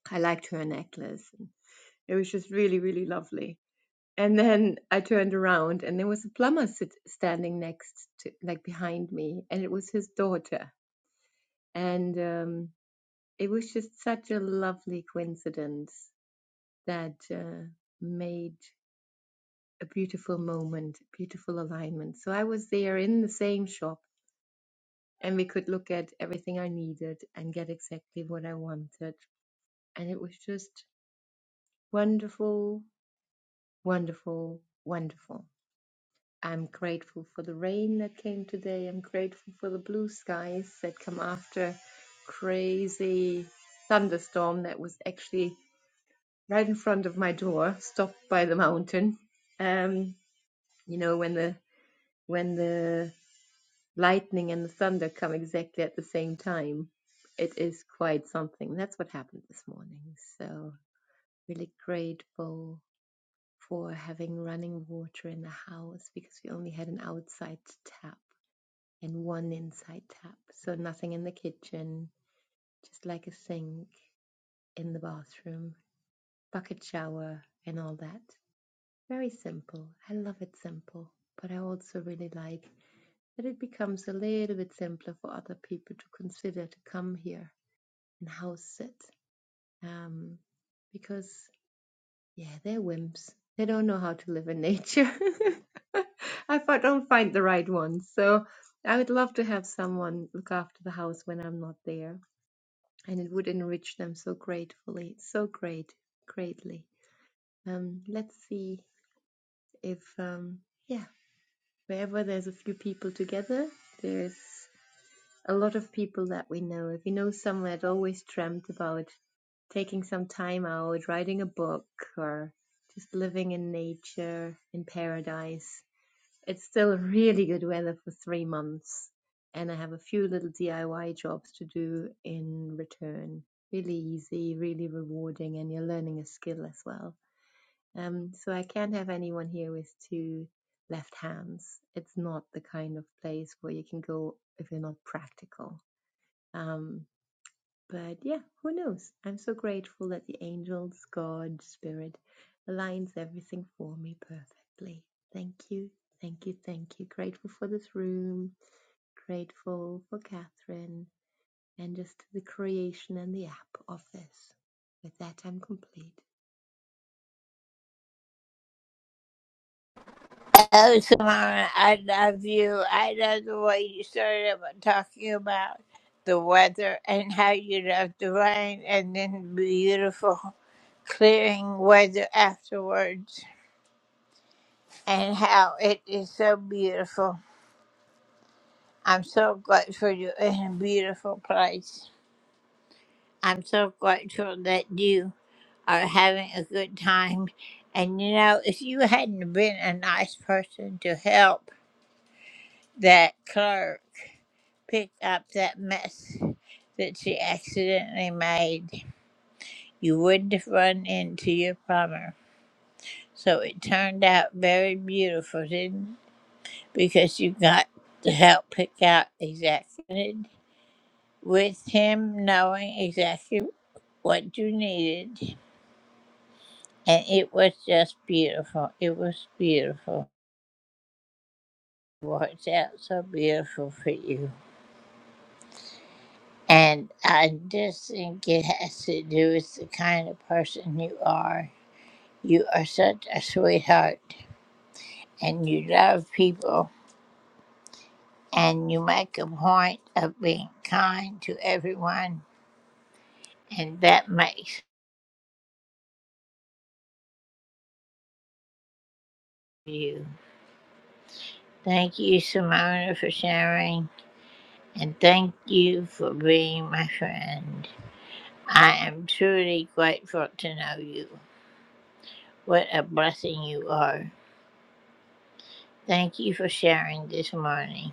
Speaker 8: I liked her necklace, and it was just really, really lovely. And then I turned around, and there was a plumber sit- standing next, to, like behind me, and it was his daughter, and. um it was just such a lovely coincidence that uh, made a beautiful moment, beautiful alignment. So I was there in the same shop and we could look at everything I needed and get exactly what I wanted. And it was just wonderful, wonderful, wonderful. I'm grateful for the rain that came today. I'm grateful for the blue skies that come after crazy thunderstorm that was actually right in front of my door, stopped by the mountain. Um, you know, when the when the lightning and the thunder come exactly at the same time, it is quite something. That's what happened this morning. So really grateful for having running water in the house because we only had an outside tap and one inside tap. So nothing in the kitchen, just like a sink in the bathroom, bucket shower and all that. Very simple. I love it simple, but I also really like that it becomes a little bit simpler for other people to consider to come here and house it. Um, because, yeah, they're wimps. They don't know how to live in nature. I don't find the right ones. So I would love to have someone look after the house when I'm not there. And it would enrich them so gratefully, so great, greatly. Um, let's see if, um, yeah. wherever there's a few people together, there's a lot of people that we know. If you know someone that always dreamt about taking some time out, writing a book, or just living in nature, in paradise, it's still really good weather for three months. And I have a few little DIY jobs to do in return. Really easy, really rewarding, and you're learning a skill as well. Um, so I can't have anyone here with two left hands. It's not the kind of place where you can go if you're not practical. Um, but yeah, who knows? I'm so grateful that the angels, God, Spirit aligns everything for me perfectly. Thank you, thank you, thank you. Grateful for this room, grateful for Catherine, and just the creation and the app of this. With that, I'm complete.
Speaker 1: Oh, Simona, I love you. I love the way you started about talking about the weather and how you love the rain and then beautiful clearing weather afterwards and how it is so beautiful. I'm so grateful you're in a beautiful place. I'm so grateful that you are having a good time. And you know, if you hadn't been a nice person to help that clerk pick up that mess that she accidentally made, you wouldn't have run into your plumber. So it turned out very beautiful, didn't it? Because you got to help pick out exactly what you needed, with him knowing exactly what you needed. And it was just beautiful. It was beautiful. worked out so beautiful for you. And I just think it has to do with the kind of person you are. You are such a sweetheart and you love people and you make a point of being kind to everyone, and that makes you. Thank you, Simona, for sharing, and thank you for being my friend. I am truly grateful to know you. What a blessing you are. Thank you for sharing this morning.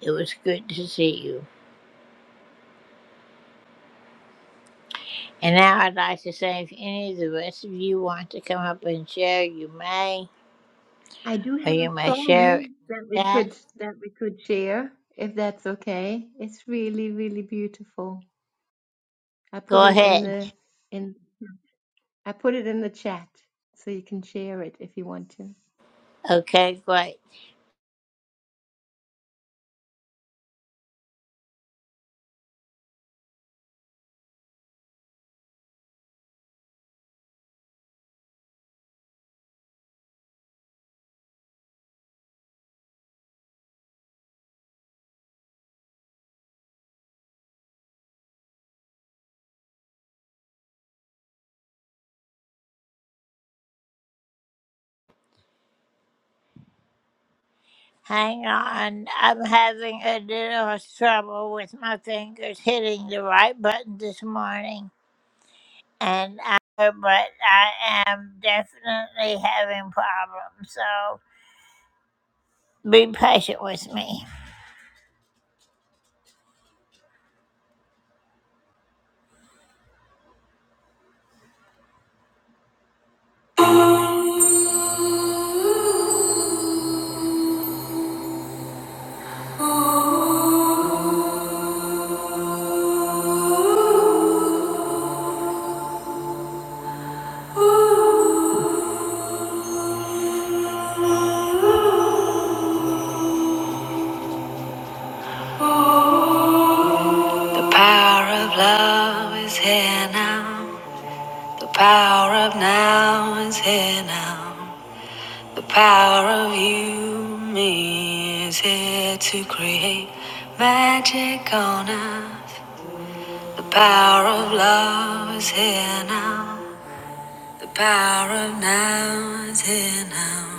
Speaker 1: It was good to see you. And now I'd like to say if any of the rest of you want to come up and share, you may,
Speaker 8: I do
Speaker 1: or
Speaker 8: have a
Speaker 1: you may share
Speaker 8: song
Speaker 1: it
Speaker 8: that
Speaker 1: in the
Speaker 8: we could
Speaker 1: chat.
Speaker 8: that we could share if that's okay. It's really really beautiful. I put
Speaker 1: Go
Speaker 8: it in
Speaker 1: ahead.
Speaker 8: the in I put it in the chat so you can share it if you want to.
Speaker 1: Okay, great. Hang on. I'm having a little trouble with my fingers hitting the right button this morning. And I, but I am definitely having problems. So be patient with me. The Power of love is here now. The power of now is here now. The power of you, me, is here to create magic on earth. The power of love is here now. The power of now is here now.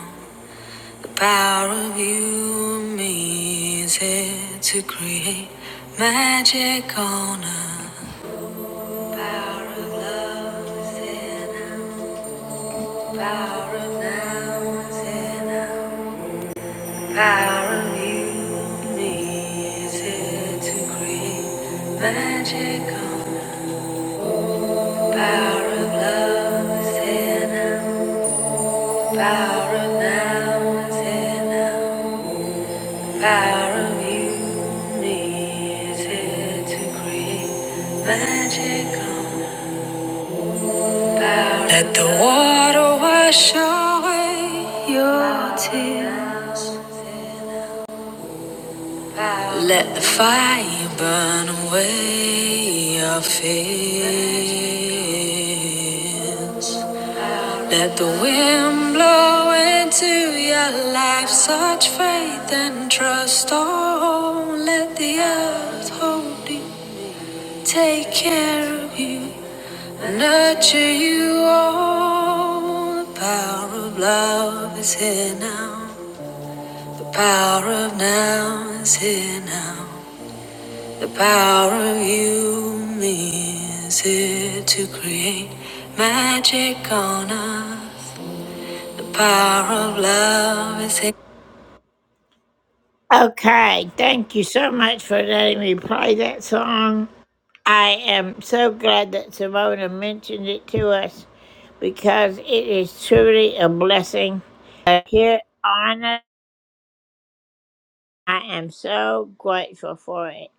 Speaker 1: The power of you, me, is here to create magic on earth. Power of love is here now. Power of now is here now. Power of unity is here to create magic. Power of love is here now. Power of now is here now. Power of unity is here to create magic. Let the water wash away your tears. Let the fire burn away your fears. Let the wind blow into your life such faith and trust. Oh, let the earth hold you, take care of you. Nurture you all. The power of love is here now. The power of now is here now. The power of you, me, is here to create magic on us. The power of love is here. Okay, thank you so much for letting me play that song. I am so glad that Simona mentioned it to us because it is truly a blessing. Uh, Here, Anna, I am so grateful for it.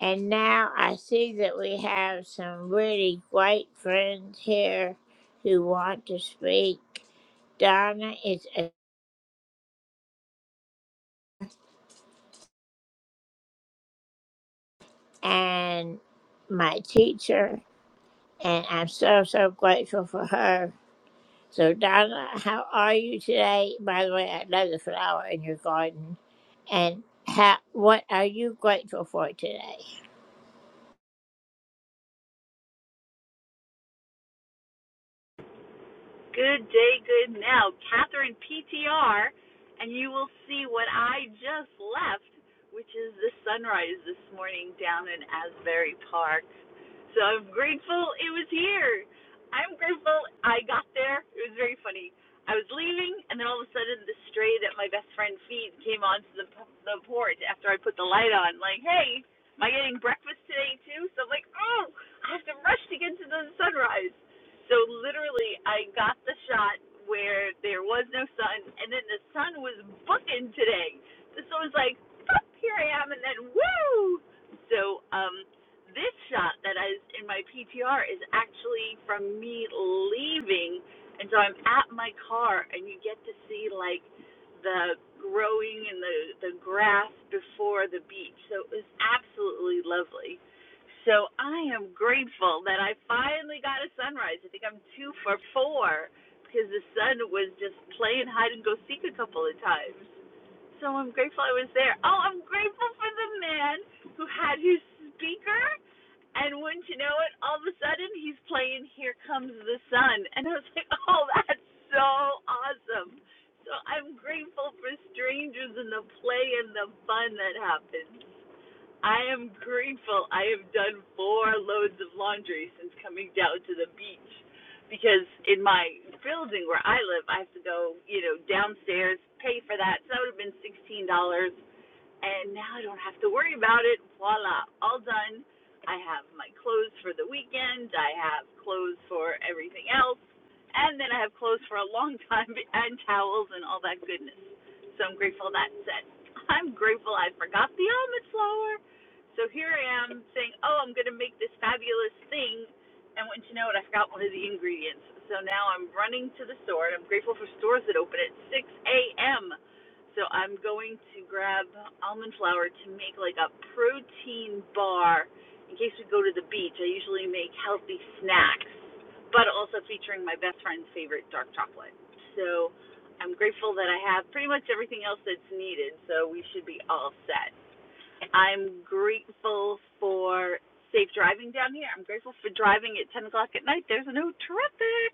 Speaker 1: And now I see that we have some really great friends here who want to speak. Donna is a, and my teacher, and I'm so so grateful for her. So, Donna, how are you today? By the way, I love the flower in your garden. And how, what are you grateful for today?
Speaker 9: Good day, good now. Catherine PTR, and you will see what I just left, which is the sunrise this morning down in Asbury Park. So I'm grateful it was here. I'm grateful I got there. It was very funny. I was leaving, and then all of a sudden, the stray that my best friend feeds came onto the the porch after I put the light on. Like, hey, am I getting breakfast today too? So I'm like, oh, I have to rush to get to the sunrise. So literally, I got the shot where there was no sun, and then the sun was booking today. The sun was like, "Pop, here I am, and then woo. So um, this shot that is in my PTR is actually from me leaving, and so I'm at my car, and you get to see like the growing and the the grass before the beach. So it was absolutely lovely. So I am grateful that I finally got a sunrise. I think I'm two for four because the sun was just playing hide and go seek a couple of times. So I'm grateful I was there. Oh, I'm grateful for the man who had his speaker, and wouldn't you know it, all of a sudden he's playing "Here Comes the Sun," and I was like, "Oh, that's so awesome!" So I'm grateful for strangers and the play and the fun that happens. I am grateful. I have done four loads of laundry since coming down to the beach because in my building where I live, I have to go, you know, downstairs, pay for that. So that would have been $16 and now I don't have to worry about it. Voila, all done. I have my clothes for the weekend. I have clothes for everything else, and then I have clothes for a long time and towels and all that goodness. So I'm grateful that's set. I'm grateful I forgot the almond flour. So here I am saying, oh, I'm going to make this fabulous thing, and wouldn't you know it, I forgot one of the ingredients. So now I'm running to the store, and I'm grateful for stores that open at 6 a.m. So I'm going to grab almond flour to make like a protein bar in case we go to the beach. I usually make healthy snacks, but also featuring my best friend's favorite dark chocolate. So I'm grateful that I have pretty much everything else that's needed, so we should be all set. I'm grateful for safe driving down here. I'm grateful for driving at 10 o'clock at night. There's no traffic.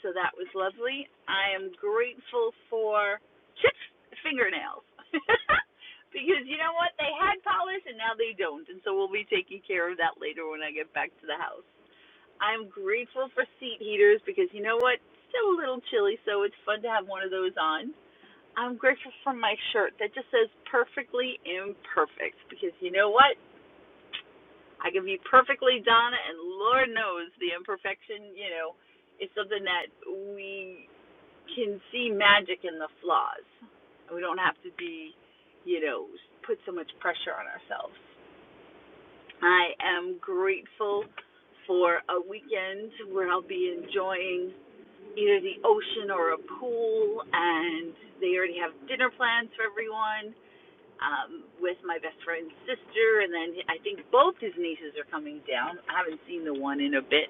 Speaker 9: So that was lovely. I am grateful for chips fingernails. because you know what? They had polish and now they don't. And so we'll be taking care of that later when I get back to the house. I'm grateful for seat heaters because you know what? It's still a little chilly, so it's fun to have one of those on. I'm grateful for my shirt that just says perfectly imperfect because you know what? I can be perfectly Donna, and Lord knows the imperfection, you know, is something that we can see magic in the flaws. We don't have to be, you know, put so much pressure on ourselves. I am grateful for a weekend where I'll be enjoying either the ocean or a pool, and they already have dinner plans for everyone um, with my best friend's sister, and then I think both his nieces are coming down. I haven't seen the one in a bit,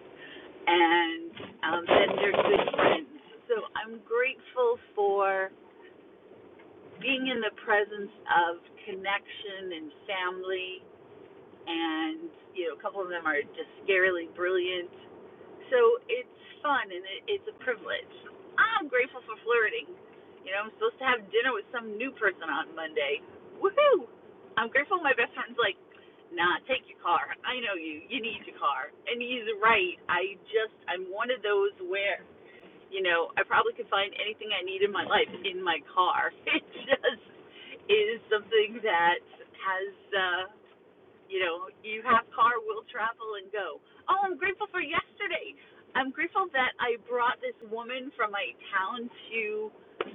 Speaker 9: and um, then they're good friends. So I'm grateful for being in the presence of connection and family and you know a couple of them are just scarily brilliant so it's fun and it, it's a privilege i'm grateful for flirting you know i'm supposed to have dinner with some new person on monday woohoo i'm grateful my best friend's like nah take your car i know you you need your car and he's right i just i'm one of those where you know, I probably could find anything I need in my life in my car. It just is something that has, uh, you know, you have car, will travel and go. Oh, I'm grateful for yesterday. I'm grateful that I brought this woman from my town to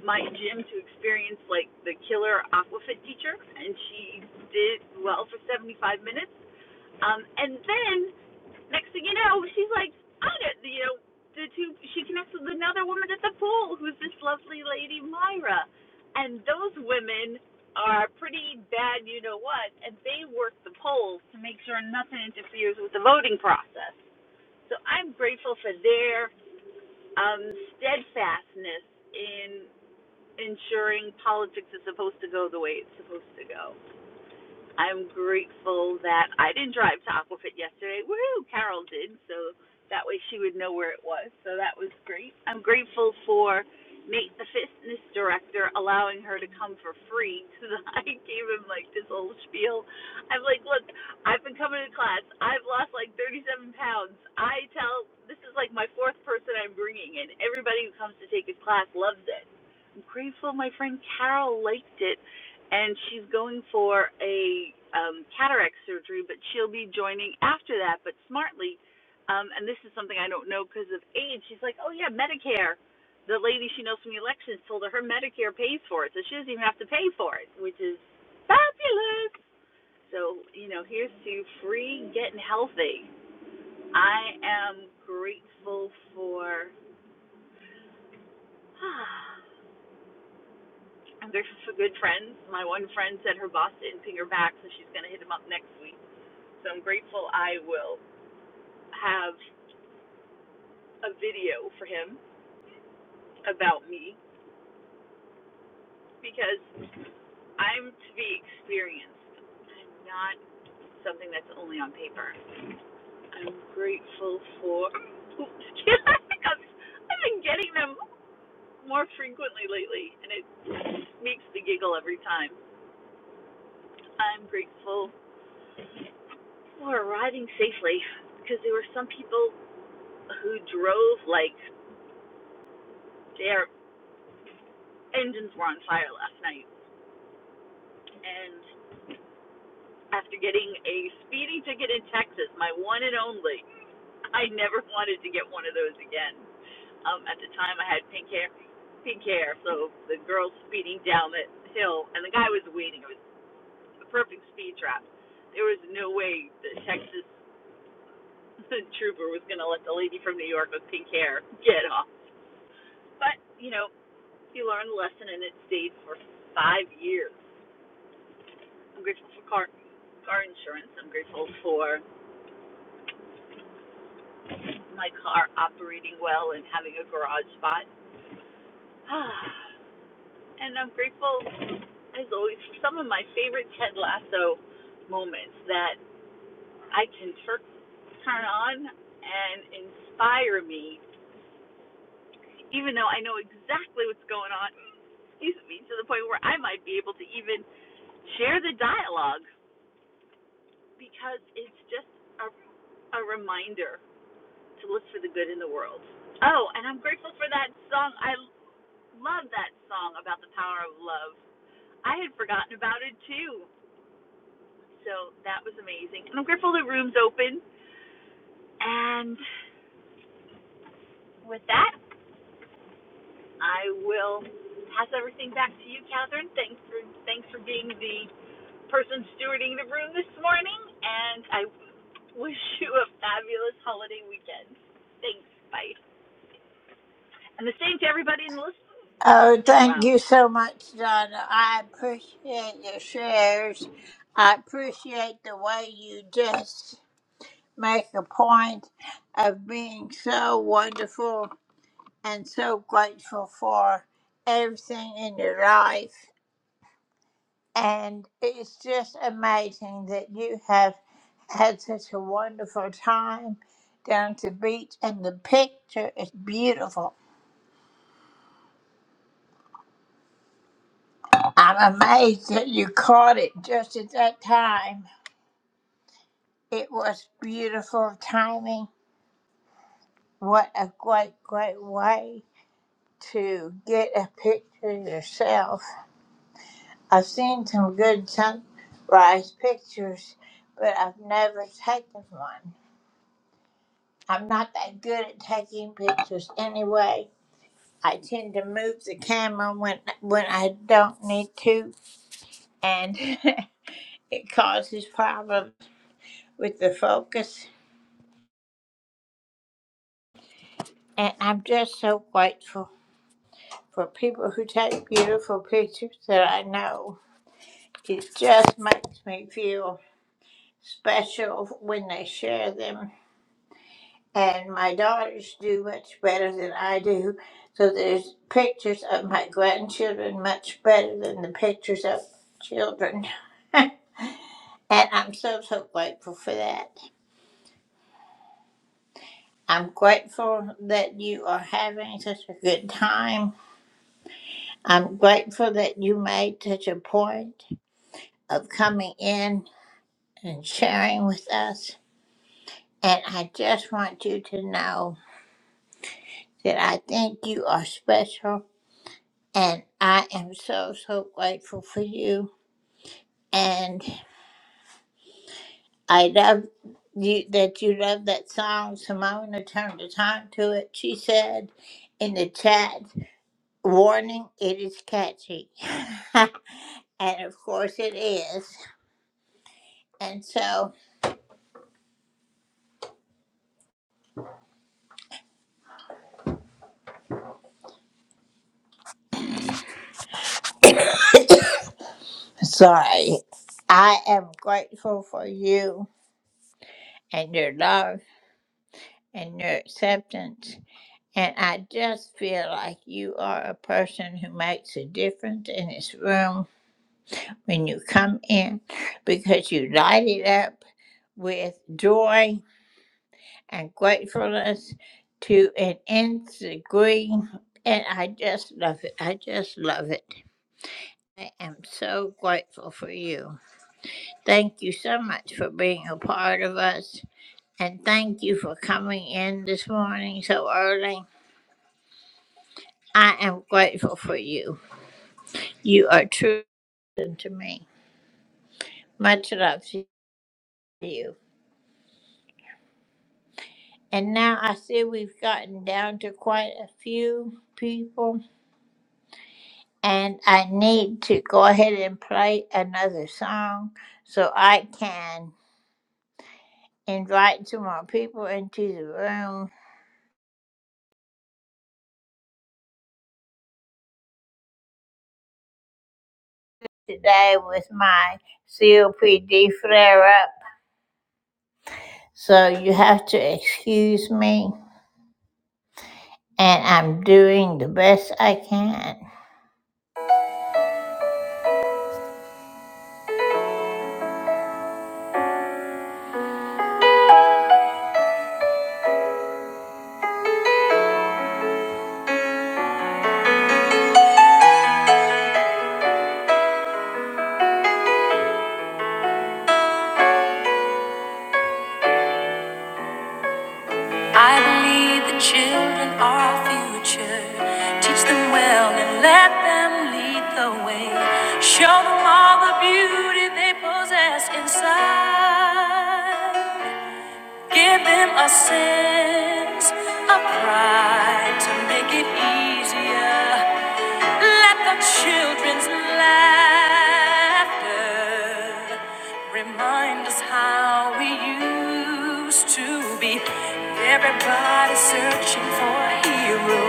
Speaker 9: my gym to experience like the killer aquafit teacher, and she did well for 75 minutes. Um, and then Next thing you know, she's like, I don't, you know, the two, she connects with another woman at the pool who's this lovely lady, Myra. And those women are pretty bad, you know what, and they work the polls to make sure nothing interferes with the voting process. So I'm grateful for their um, steadfastness in ensuring politics is supposed to go the way it's supposed to go. I'm grateful that I didn't drive to Aquafit yesterday. Woohoo! Carol did, so that way she would know where it was. So that was great. I'm grateful for Nate, the fitness director, allowing her to come for free. Because I gave him like this whole spiel. I'm like, look, I've been coming to class. I've lost like 37 pounds. I tell this is like my fourth person I'm bringing, and everybody who comes to take his class loves it. I'm grateful my friend Carol liked it and she's going for a um, cataract surgery, but she'll be joining after that. But smartly, um, and this is something I don't know because of age. She's like, oh yeah, Medicare. The lady she knows from the elections told her her Medicare pays for it, so she doesn't even have to pay for it, which is fabulous. So you know, here's to free getting healthy. I am grateful for. I'm grateful for good friends. My one friend said her boss didn't ping her back, so she's going to hit him up next week So I'm grateful I will have a video for him about me because I'm to be experienced. I'm not something that's only on paper. I'm grateful for. Oops, I think I've, I've been getting them more frequently lately, and it makes me giggle every time. I'm grateful for arriving safely because there were some people who drove like their engines were on fire last night. and. after getting a speeding ticket in Texas, my one and only. I never wanted to get one of those again. Um, at the time, I had pink hair, pink hair. So the girl speeding down the hill, and the guy was waiting. It was a perfect speed trap. There was no way the Texas trooper was going to let the lady from New York with pink hair get off. But you know, you learn the lesson, and it stayed for five years. I'm grateful for car car insurance. I'm grateful for my car operating well and having a garage spot. and I'm grateful, as always, for some of my favorite Ted Lasso moments that I can tur- turn on and inspire me, even though I know exactly what's going on, excuse me, to the point where I might be able to even share the dialogue because it's just a, a reminder to look for the good in the world. Oh, and I'm grateful for that song. I Love that song about the power of love. I had forgotten about it too. So that was amazing. And I'm grateful the room's open. And with that, I will pass everything back to you, Catherine. Thanks for thanks for being the person stewarding the room this morning. And I wish you a fabulous holiday weekend. Thanks. Bye. And the same to everybody in the listen,
Speaker 1: Oh,
Speaker 9: listening
Speaker 1: thank you
Speaker 9: lounge.
Speaker 1: so much, Donna. I appreciate your shares. I appreciate the way you just make a point of being so wonderful and so grateful for everything in your life. And it's just amazing that you have had such a wonderful time down to the beach, and the picture is beautiful. I'm amazed that you caught it just at that time. It was beautiful timing. What a great, great way to get a picture yourself. I've seen some good sunrise pictures, but I've never taken one. I'm not that good at taking pictures anyway. I tend to move the camera when when I don't need to, and it causes problems with the focus. And I'm just so grateful for people who take beautiful pictures that I know. It just makes me feel special when they share them and my daughters do much better than I do. So there's pictures of my grandchildren much better than the pictures of children. and I'm so, so grateful for that. I'm grateful that you are having such a good time. I'm grateful that you made such a point of coming in and sharing with us. And I just want you to know that I think you are special And I am so, so grateful for you. And I love you that you love that song. Simona turned the time to it. She said in the chat, warning, it is catchy. and of course it is. And so, sorry, I am grateful for you and your love and your acceptance. And I just feel like you are a person who makes a difference in this room when you come in because you light it up with joy and gratefulness to an nth degree. And I just love it. I just love it. I am so grateful for you. Thank you so much for being a part of us. And thank you for coming in this morning so early. I am grateful for you. You are true to me. Much love to you. And now I see we've gotten down to quite a few people. And I need to go ahead and play another song so I can invite some more people into the room today with my COPD flare up. So you have to excuse me, and I'm doing the best I can. I believe the children are our future. Teach them well and let them lead the way. Show them all the beauty they possess inside. Give them a sense of pride to make it easier. Let the children's laughter remind us how we used to be. Everybody searching for a hero.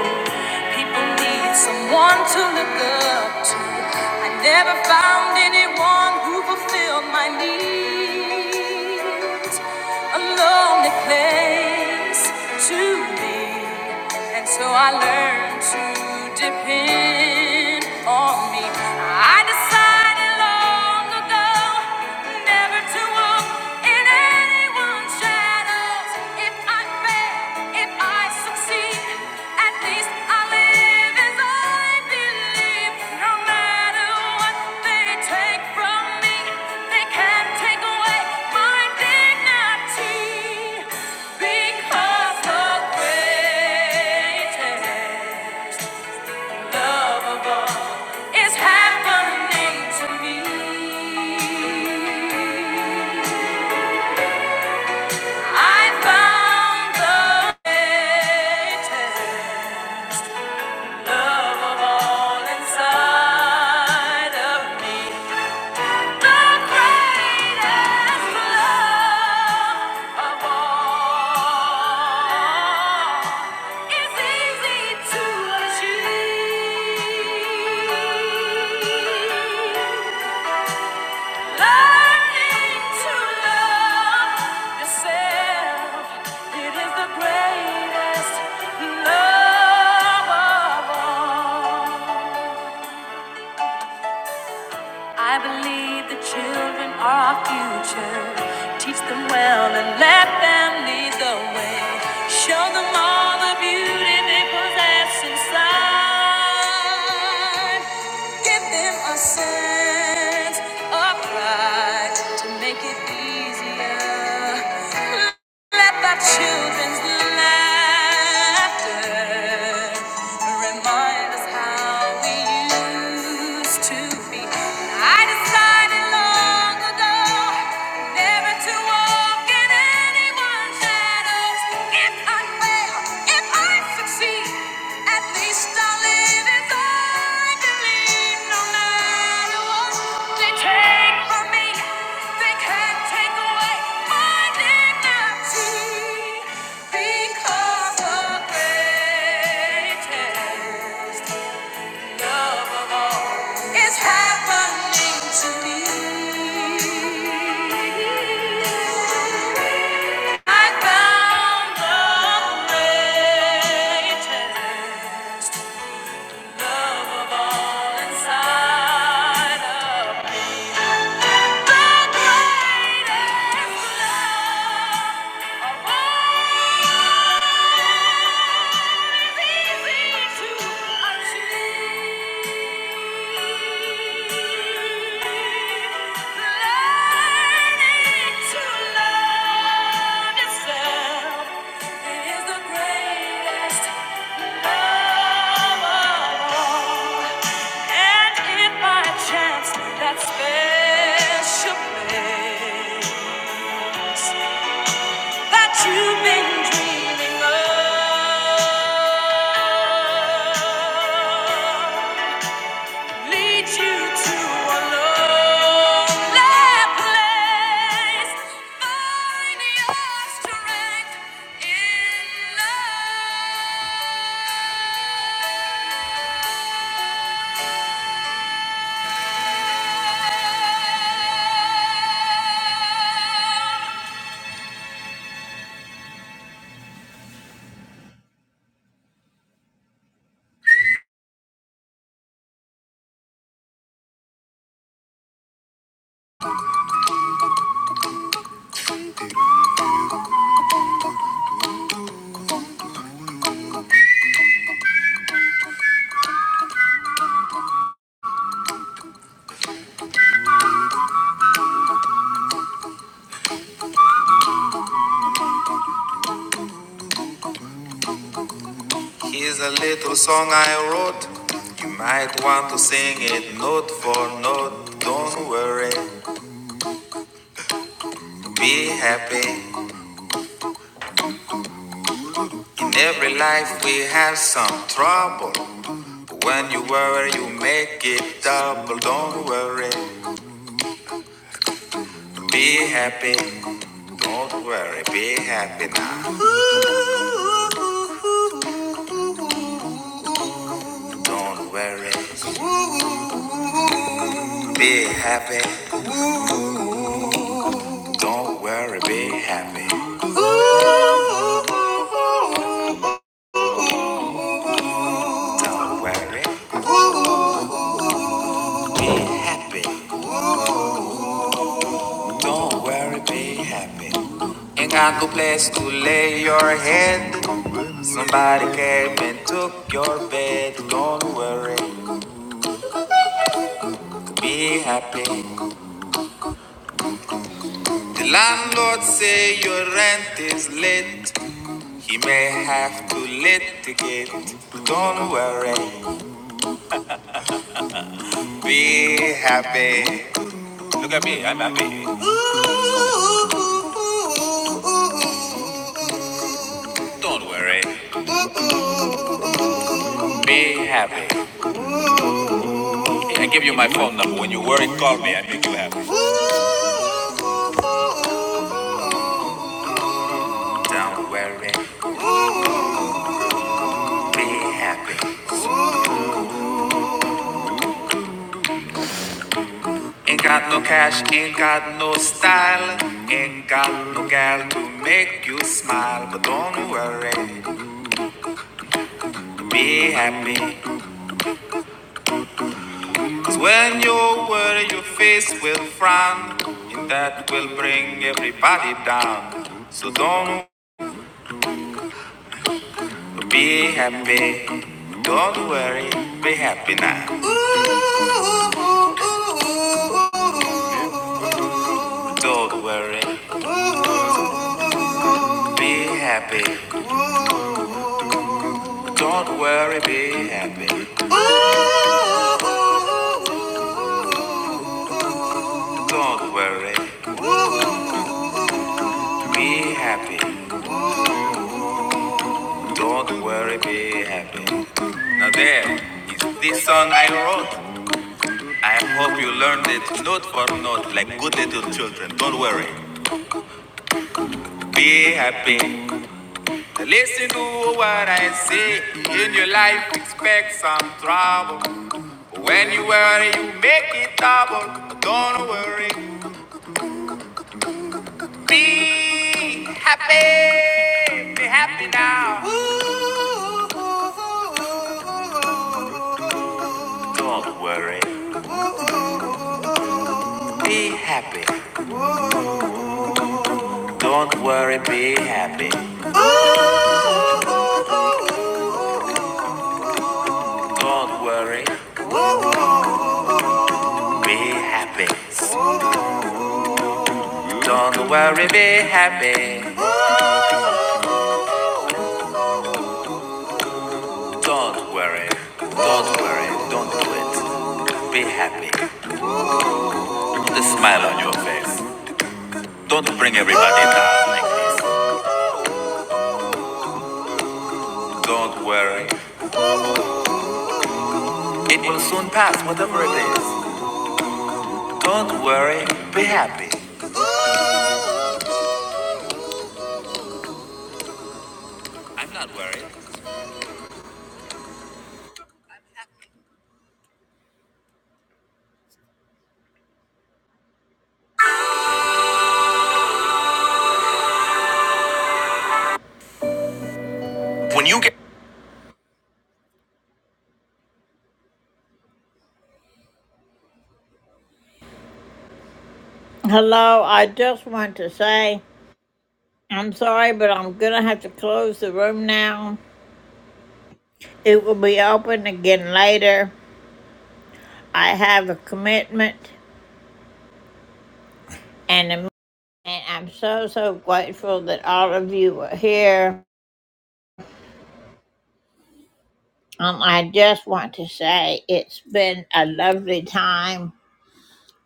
Speaker 1: People need someone to look up to. I never found anyone who fulfilled my needs. A lonely place to be. And so I learned to depend depend on me. I decided long ago never to walk in anyone's shadows. If I fail, if I succeed, at least I live as I believe. No matter what they take from me, they can't take away my dignity because the greatest. Unlovable is happening to me. I found the greatest love of all inside of me greatest Love of all. I believe the children are our future. Teach them well and let them lead the way. Show them all the beauty they possess inside. Give them a sense of pride to make it easier. Let the children's laughter remind us how we used to be. I decided long ago never to walk in anyone's shadows. It's unfair. I succeed, at least i live as I believe. No matter what they take from me, they can't take away my dignity because of greatness. It's happening to me. I found the greatest love of all inside of me. Is the greatest love of all. And if by chance that special place that you've been dreaming of leads you to a lonely place, find your strength in love. Here's a little song I wrote. You might want to sing it note for note. Don't worry, be happy. In every life we have some trouble. But when you worry, you make it double. Don't worry, be happy. Don't worry, be happy now. Don't worry, be happy. Don't worry, be happy. Don't worry, be happy. Don't worry, be happy. Ain't got no place to lay your head. Somebody came and took your bed. Don't worry, be happy. The landlord say your rent is late. He may have to litigate. Don't worry, be happy. Look at me, I'm happy. Don't worry. Be happy. I give you my phone number. When you worry, call me. I make you happy. Ain't got no cash, ain't got no style, ain't got no gal to make you smile. But don't worry, be happy. Cause when you worry, your face will frown, and that will bring everybody down. So don't be happy. Don't worry, be happy now. Don't worry, be happy. Don't worry, be happy. Don't worry, be happy. Don't worry, be happy. Now there is this song I wrote. I hope you learned it note for note like good little children. Don't worry, be happy. Listen to what I say. In your life, expect some trouble. when you worry, you make it double. Don't worry, be happy. Be happy now. Don't worry, be happy. Don't worry, be happy. Don't worry, be happy. Don't worry, be happy. Don't worry, don't worry, don't do it. Be happy. Put a smile on your face. Don't bring everybody down like this. Don't worry, it will soon pass, whatever it is. Don't worry, be happy. I'm not worried. When you get Hello, I just want to say I'm sorry, but I'm gonna have to close the room now. It will be open again later. I have a commitment, and a- and I'm so so grateful that all of you were here. Um, I just want to say it's been a lovely time,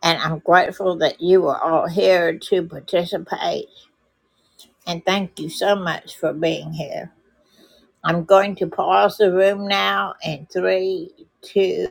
Speaker 1: and I'm grateful that you were all here to participate. And thank you so much for being here. I'm going to pause the room now in three, two.